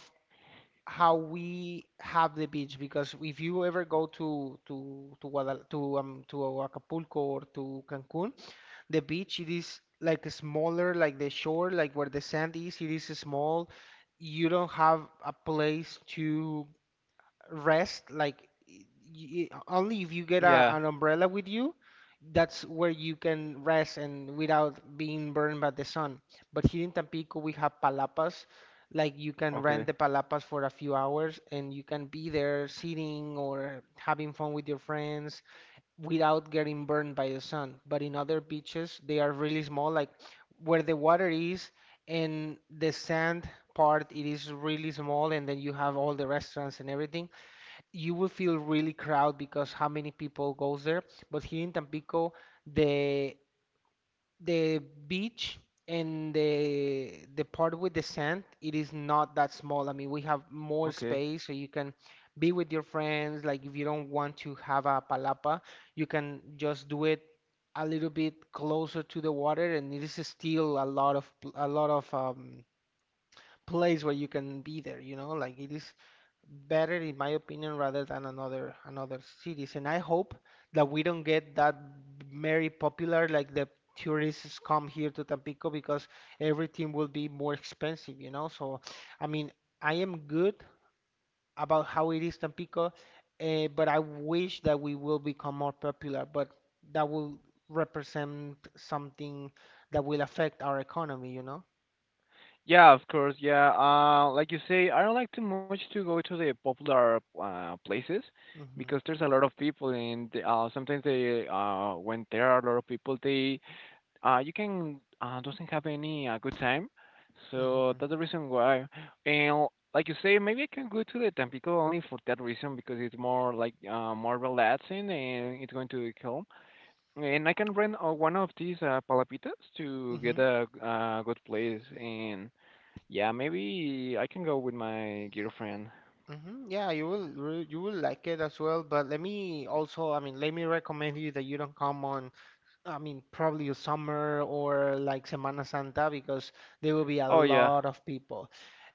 Speaker 1: how we have the beach. Because if you ever go to Acapulco or to Cancun, the beach it is like smaller, like the shore, like where the sand is, it is small. You don't have a place to rest, like only if you get
Speaker 2: Yeah.
Speaker 1: an umbrella with you. That's where you can rest and without being burned by the sun. But here in Tampico we have palapas. Like you can rent
Speaker 2: Okay.
Speaker 1: the palapas for a few hours and you can be there sitting or having fun with your friends without getting burned by the sun. But in other beaches they are really small, like where the water is and the sand part it is really small, and then you have all the restaurants and everything. You will feel really crowd because how many people goes there. But here in Tampico, the the beach and the part with the sand, it is not that small. I mean, we have more
Speaker 2: Okay.
Speaker 1: space, so you can be with your friends. Like if you don't want to have a palapa, you can just do it a little bit closer to the water, and it is still a lot of a lot of place where you can be there. You know, like it is better in my opinion rather than another cities. And I hope that we don't get that very popular, like the tourists come here to Tampico, because everything will be more expensive, you know. So I mean, I am good about how it is Tampico. But I wish that we will become more popular, but that will represent something that will affect our economy, you know.
Speaker 2: Yeah, of course. Yeah. Like you say, I don't like too much to go to the popular places because
Speaker 1: hmm
Speaker 2: there's a lot of people, and sometimes they when there are a lot of people, they you can doesn't have any good time. So
Speaker 1: hmm
Speaker 2: that's the reason why. And like you say, maybe I can go to the Tampico only for that reason because it's more like more relaxing and it's going to be calm. And I can rent one of these palapitas to get
Speaker 1: hmm
Speaker 2: a good place. And yeah, maybe I can go with my girlfriend.
Speaker 1: Yeah, you will you will like it as well. But let me also, I mean, let me recommend you that you don't come on, I mean, probably a summer or like Semana Santa, because there will be a
Speaker 2: Oh yeah.
Speaker 1: lot of people.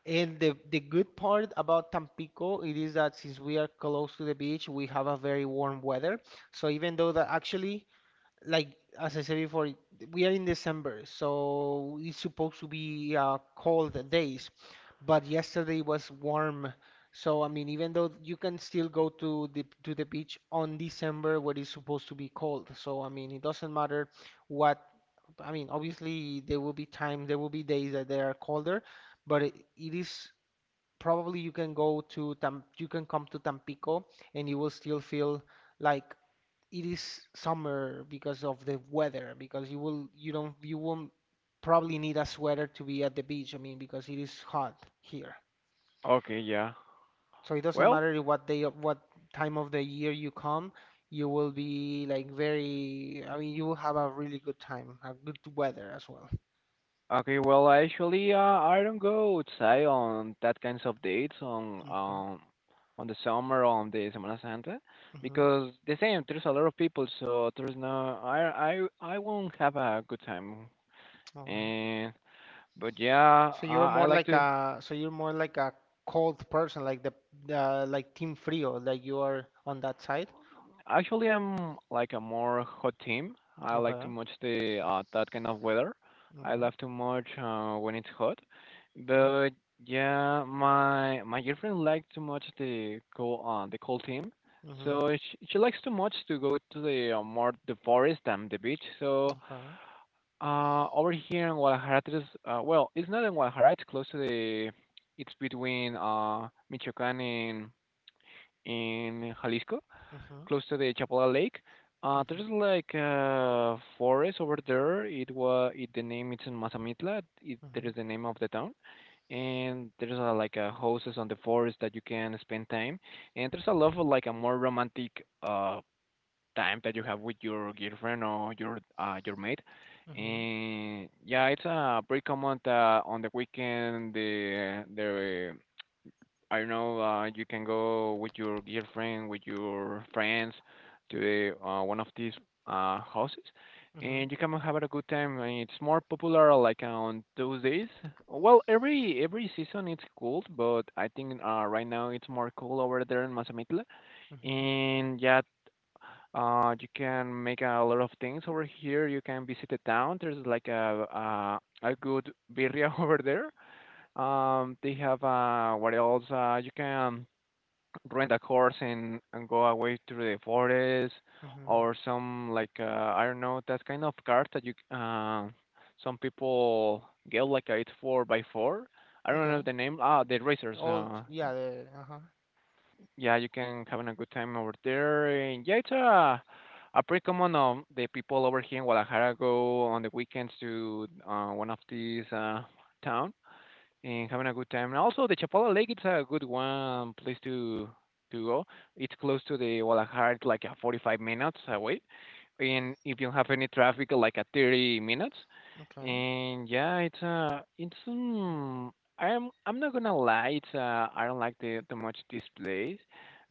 Speaker 1: And the good part about Tampico it is that since we are close to the beach, we have a very warm weather. So even though that actually, like as I said before, we are in December, so it's supposed to be cold days, but yesterday was warm. So I mean, even though you can still go to the beach on December where it's supposed to be cold. So I mean, it doesn't matter what. I mean, obviously there will be time, there will be days that they are colder, but it is probably you can go to Tam, you can come to Tampico and you will still feel like it is summer because of the weather, because you will you don't you won't probably need a sweater to be at the beach. I mean, because it is hot here.
Speaker 2: Okay, yeah.
Speaker 1: So it doesn't
Speaker 2: Well,
Speaker 1: matter what day of what time of the year you come, you will be like very, I mean you will have a really good time, a good weather as well.
Speaker 2: Okay, well, actually, I don't go outside on that kinds of dates
Speaker 1: Okay.
Speaker 2: on the summer on the Semana Santa
Speaker 1: Mm-hmm.
Speaker 2: because the same there's a lot of people, so there's no I won't have a good time.
Speaker 1: All right.
Speaker 2: And But yeah, I like to.
Speaker 1: So you're more like a cold person, like the like team frio, like you are on that side.
Speaker 2: Actually, I'm like a more hot team. I
Speaker 1: Okay,
Speaker 2: like
Speaker 1: okay.
Speaker 2: to watch the that kind of weather. I
Speaker 1: Mm-hmm.
Speaker 2: love to watch when it's hot. But yeah, my girlfriend likes to watch the the cold team.
Speaker 1: Mm-hmm.
Speaker 2: So she likes to much to go to the more the forest than the beach. So
Speaker 1: Okay.
Speaker 2: over here in Guadalajara, there's, well, it's not in Guadalajara. It's close to the. It's between Michoacán and in Jalisco
Speaker 1: Mm-hmm.
Speaker 2: close to the Chapala Lake. There's
Speaker 1: Mm-hmm.
Speaker 2: like a forest over there. It was it, the name it's in Mazamitla. It, that
Speaker 1: Mm-hmm.
Speaker 2: is the name of the town. And there's a, like a houses on the forest that you can spend time. And there's a lot of like a more romantic time that you have with your girlfriend or your mate.
Speaker 1: Mm-hmm.
Speaker 2: And yeah, it's pretty common that on the weekend the I don't know, you can go with your girlfriend, with your friends to the, one of these houses,
Speaker 1: Mm-hmm.
Speaker 2: and you can have a good time. And it's more popular like on those days. Well, every season it's cool, but I think right now it's more cool over there in Mazamitla.
Speaker 1: Mm-hmm.
Speaker 2: And yeah, you can make a lot of things over here. You can visit the town. There's like a good birria over there. They have, what else? You can rent a horse and go away through the forest
Speaker 1: Mm-hmm. Mm-hmm.
Speaker 2: or some like I don't know that kind of cart that you some people get like a, it's four by four. I don't
Speaker 1: Okay.
Speaker 2: know the name. Ah, the racers.
Speaker 1: Oh, yeah. Uh-huh.
Speaker 2: Yeah, you can having a good time over there. And yeah, it's a pretty common the people over here in Guadalajara go on the weekends to one of these town and having a good time. And also, the Chapala Lake it's a good one place to go. It's close to the Guadalajara, it's like a 45 minutes away, and if you have any traffic, like a 30 minutes.
Speaker 1: Okay.
Speaker 2: And yeah, it's I'm not gonna lie, it's I don't like the too much this place,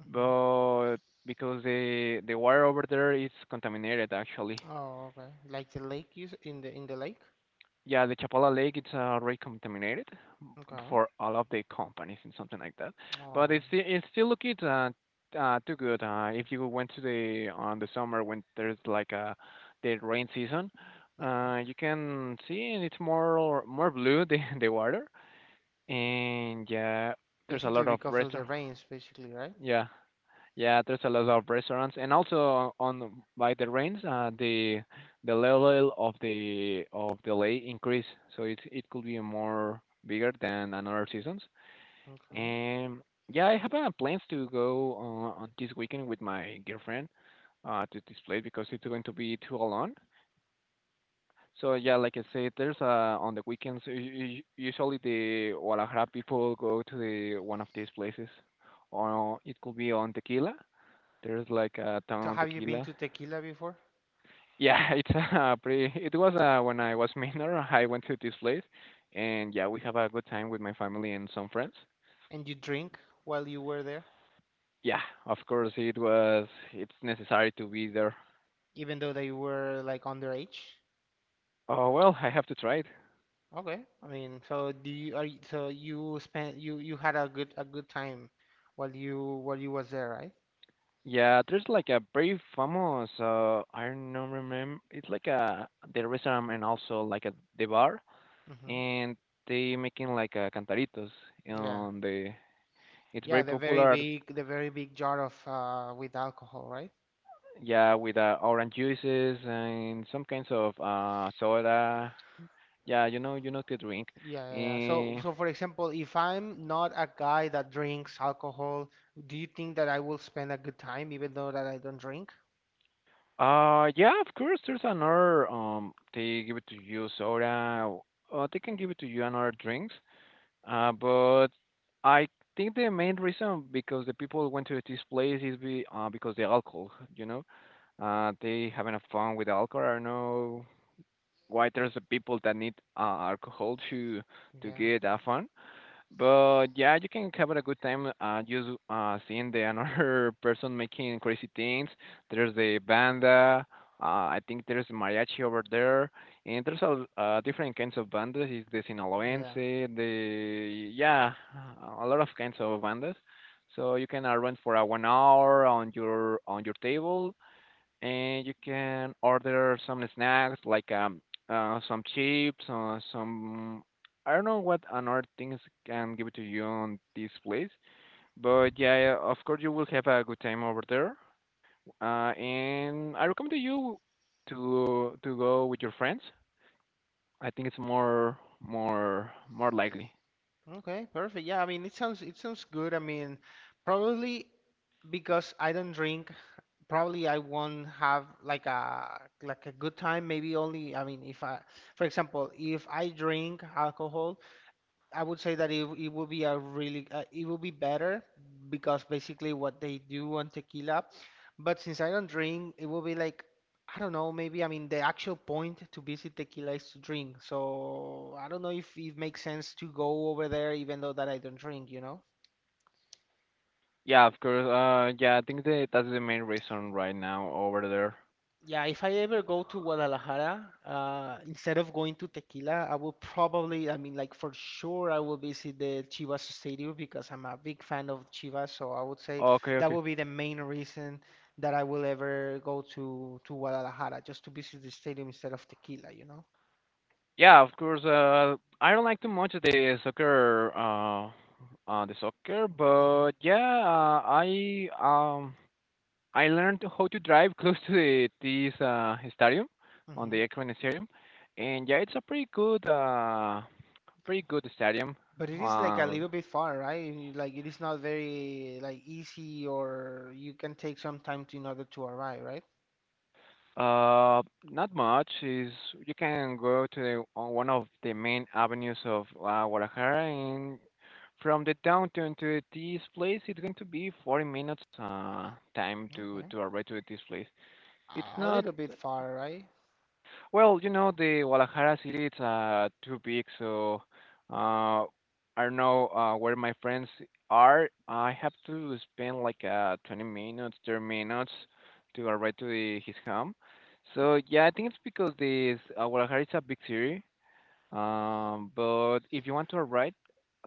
Speaker 1: Mm-hmm.
Speaker 2: but because the water over there is contaminated actually.
Speaker 1: Oh, okay. Like the lake you in the lake.
Speaker 2: Yeah, the Chapala Lake it's already contaminated
Speaker 1: Okay.
Speaker 2: for all of the companies and something like that. But
Speaker 1: Oh,
Speaker 2: it's still looking too good. If you went to the on the summer when there's like a the rain season,
Speaker 1: okay.
Speaker 2: you can see and it's more blue the the water and yeah there's a
Speaker 1: Basically
Speaker 2: lot of
Speaker 1: because of the
Speaker 2: restaurant.
Speaker 1: rains, basically, right?
Speaker 2: Yeah. Yeah, there's a lot of restaurants, and also on by the rains, the level of the lake increase, so it could be more bigger than another seasons.
Speaker 1: Okay.
Speaker 2: And yeah, I have plans to go on this weekend with my girlfriend to this place because it's going to be too alone. So
Speaker 1: Y-
Speaker 2: yeah, like I said, there's on the weekends usually the Guadalajara people go to the one of these places, or it could be on Tequila. There's like a town
Speaker 1: So
Speaker 2: on
Speaker 1: have you been
Speaker 2: tequila.
Speaker 1: to Tequila before?
Speaker 2: Yeah, it's a pretty. It was when I was minor. I went to this place, and yeah, we have a good time with my family and some friends.
Speaker 1: And you drink while you were there,
Speaker 2: Yeah, of course it was. It's necessary to be there.
Speaker 1: even though they were like underage?
Speaker 2: Oh well, I have to try it.
Speaker 1: Okay. I mean, so do you are you, so you spent you you had a good time while you was there, right?
Speaker 2: Yeah, there's like a very famous. I don't remember. It's like a the restaurant and also like a the bar,
Speaker 1: Hmm.
Speaker 2: and they making like a cantaritos
Speaker 1: Yeah.
Speaker 2: on the. It's
Speaker 1: Yeah,
Speaker 2: very popular.
Speaker 1: the very big jar of with alcohol, right?
Speaker 2: Yeah, with orange juices and some kinds of soda. Yeah, you know to drink.
Speaker 1: Yeah, yeah, yeah. So
Speaker 2: Eh,
Speaker 1: so for example, if I'm not a guy that drinks alcohol, do you think that I will spend a good time even though that I don't drink?
Speaker 2: yeah, of course. There's another. They give it to you soda. They can give it to you another drinks. But I think the main reason because the people went to this place is be because the alcohol. You know, they having a fun with alcohol. I don't know why there's the people that need alcohol to
Speaker 1: Yeah.
Speaker 2: get a fun. But yeah, you can have a good time just seeing the another person making crazy things. There's the banda. I think there's mariachi over there, and there's a, different kinds of bandas. Is the Sinaloense,
Speaker 1: Yeah.
Speaker 2: the, yeah, a lot of kinds of bandas. So you can arrange for a 1 hour on your table, and you can order some snacks like some chips or some I don't know what another things can give to you on this place, but yeah, of course you will have a good time over there. And I recommend you to go with your friends. I think it's more more likely.
Speaker 1: Okay, perfect. Yeah, I mean, it sounds good. I mean, probably because I don't drink, probably I won't have like a good time. Maybe only, I mean, if I, for example, if I drink alcohol, I would say that it would be a really it would be better because basically what they do on tequila. But since I don't drink, it will be like I don't know, maybe I mean the actual point to visit tequila is to drink. So I don't know if it makes sense to go over there even though that I don't drink, you know?
Speaker 2: Yeah, of course. Yeah, I think that that's the main reason right now over there.
Speaker 1: Yeah, if I ever go to Guadalajara, instead of going to Tequila, I will probably, I mean, like for sure, I will visit the Chivas Stadium because I'm a big fan of Chivas. So I would say
Speaker 2: Okay,
Speaker 1: that
Speaker 2: okay.
Speaker 1: will be the main reason that I will ever go to Guadalajara, just to visit the stadium instead of Tequila, you know?
Speaker 2: Yeah, of course. I don't like too much the soccer,
Speaker 1: Hmm.
Speaker 2: but yeah, uh, I um I learned how to drive close to the this stadium, on the
Speaker 1: Hmm.
Speaker 2: Akron Stadium, and yeah, it's a pretty good stadium.
Speaker 1: But it is like a
Speaker 2: Uh,
Speaker 1: little bit far, right? Like it is not very like easy, or you can take some time to in order to arrive, right?
Speaker 2: Not much. Is, you can go to the, on one of the main avenues of Guadalajara, and from the downtown to this place, it's going to be 40 minutes time
Speaker 1: Okay,
Speaker 2: to arrive to this place. It's
Speaker 1: a
Speaker 2: not,
Speaker 1: little bit far, right?
Speaker 2: well, you know, the Guadalajara city, it's too big, so uh, I don't know where my friends are. I have to spend like 20 minutes, 30 minutes to arrive to the, his home. So yeah, I think it's because this Guadalajara is a big city. But if you want to arrive,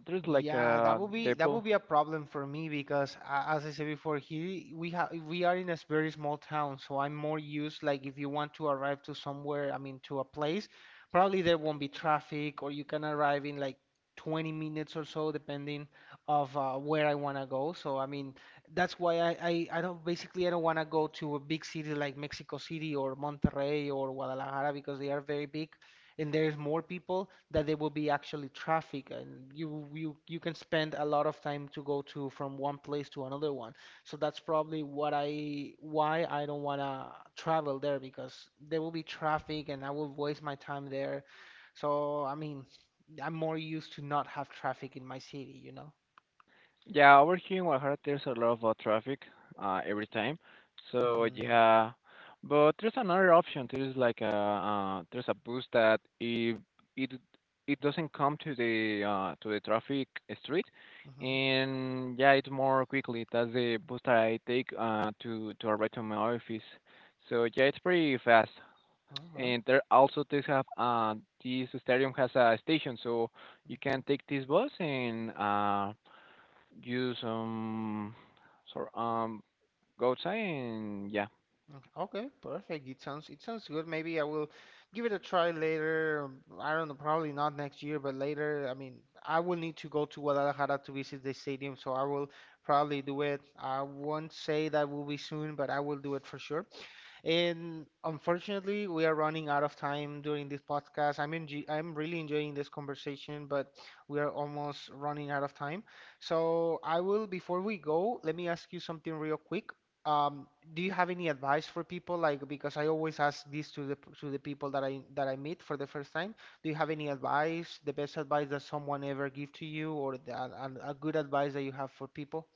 Speaker 2: there's like
Speaker 1: Yeah,
Speaker 2: a
Speaker 1: that
Speaker 2: depot.
Speaker 1: would be a problem for me, because as I said before, he we have we are in a very small town, so I'm more used like if you want to arrive to somewhere, I mean to a place, probably there won't be traffic or you can arrive in like 20 minutes or so depending of where I want to go. So I mean that's why I don't basically I don't want to go to a big city like Mexico City or Monterrey or Guadalajara, because they are very big and there's more people that there will be actually traffic and you can spend a lot of time to go to from one place to another one. So that's probably what I why I don't want to travel there, because there will be traffic and I will waste my time there. So I mean, I'm more used to not have traffic in my city, you know?
Speaker 2: Yeah, over here in Guadalajara, there's a lot of traffic every time. So
Speaker 1: Mm-hmm.
Speaker 2: yeah, but there's another option. There's like a there's a bus that if it it doesn't come to the traffic street, and yeah, it's more quickly. That's the bus that I take to arrive to my office. So yeah, it's pretty fast.
Speaker 1: Mm-hmm.
Speaker 2: And there also they have this stadium has a station, so you
Speaker 1: Okay.
Speaker 2: can take this bus and use sorry go outside and yeah.
Speaker 1: Mm, okay, perfect. It sounds good. Maybe I will give it a try later. Um, I don't know, probably not next year, but later. I mean, I will need to go to Guadalajara to visit the stadium, so I will probably do it. I won't say that will be soon, but I will do it for sure. And unfortunately, we are running out of time during this podcast. I'm really enjoying this conversation, but we are almost running out of time. So I will, before we go, let me ask you something real quick. Um, do you have any advice for people? Like, because I always ask this to the to the people that I meet for the first time. Do you have any advice, the best advice that someone ever give to you, or a good advice that you have for people?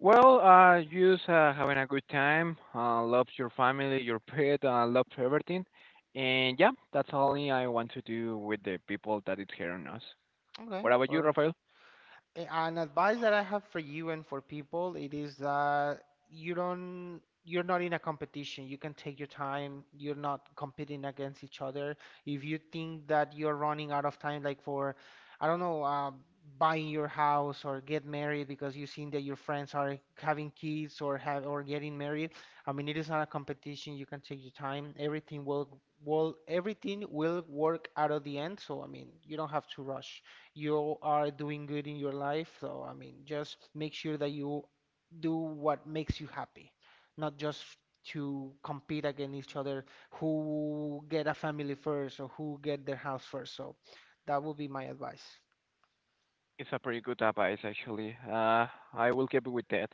Speaker 2: Well, just having a good time. Love your family, your pet. Love everything, and yeah, that's all I want to do with the people that is here on us.
Speaker 1: Okay,
Speaker 2: What about you,
Speaker 1: or
Speaker 2: Rafael?
Speaker 1: An advice that I have for you and for people, it is that you don't, you're not in a competition. You can take your time. You're not competing against each other. If you think that you're running out of time, like for, I don't know, buying your house or get married because you've seen that your friends are having kids or have or getting married, I mean, it is not a competition. You can take your time. Everything will work out of the end. So, I mean, you don't have to rush. You are doing good in your life. So, I mean, just make sure that you do what makes you happy, not just to compete against each other who get a family first or who get their house first. So, that would be my advice.
Speaker 2: It's a pretty good advice, actually. I will keep it with that.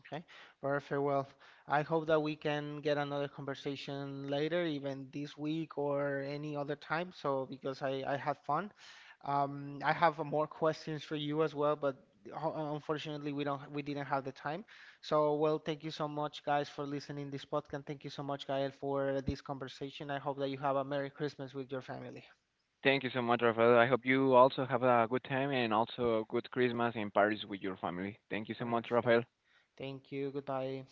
Speaker 1: Okay, perfect. Well, I hope that we can get another conversation later, even this week or any other time. So, because I had fun. I have more questions for you as well, but unfortunately, we didn't have the time. So, well, thank you so much, guys, for listening this podcast. Thank you so much, Gael, for this conversation. I hope that you have a Merry Christmas with your family.
Speaker 2: Thank you so much, Rafael. I hope you also have a good time and also a good Christmas in Paris with your family. Thank you so much, Rafael.
Speaker 1: Perfect. Thank you. Goodbye.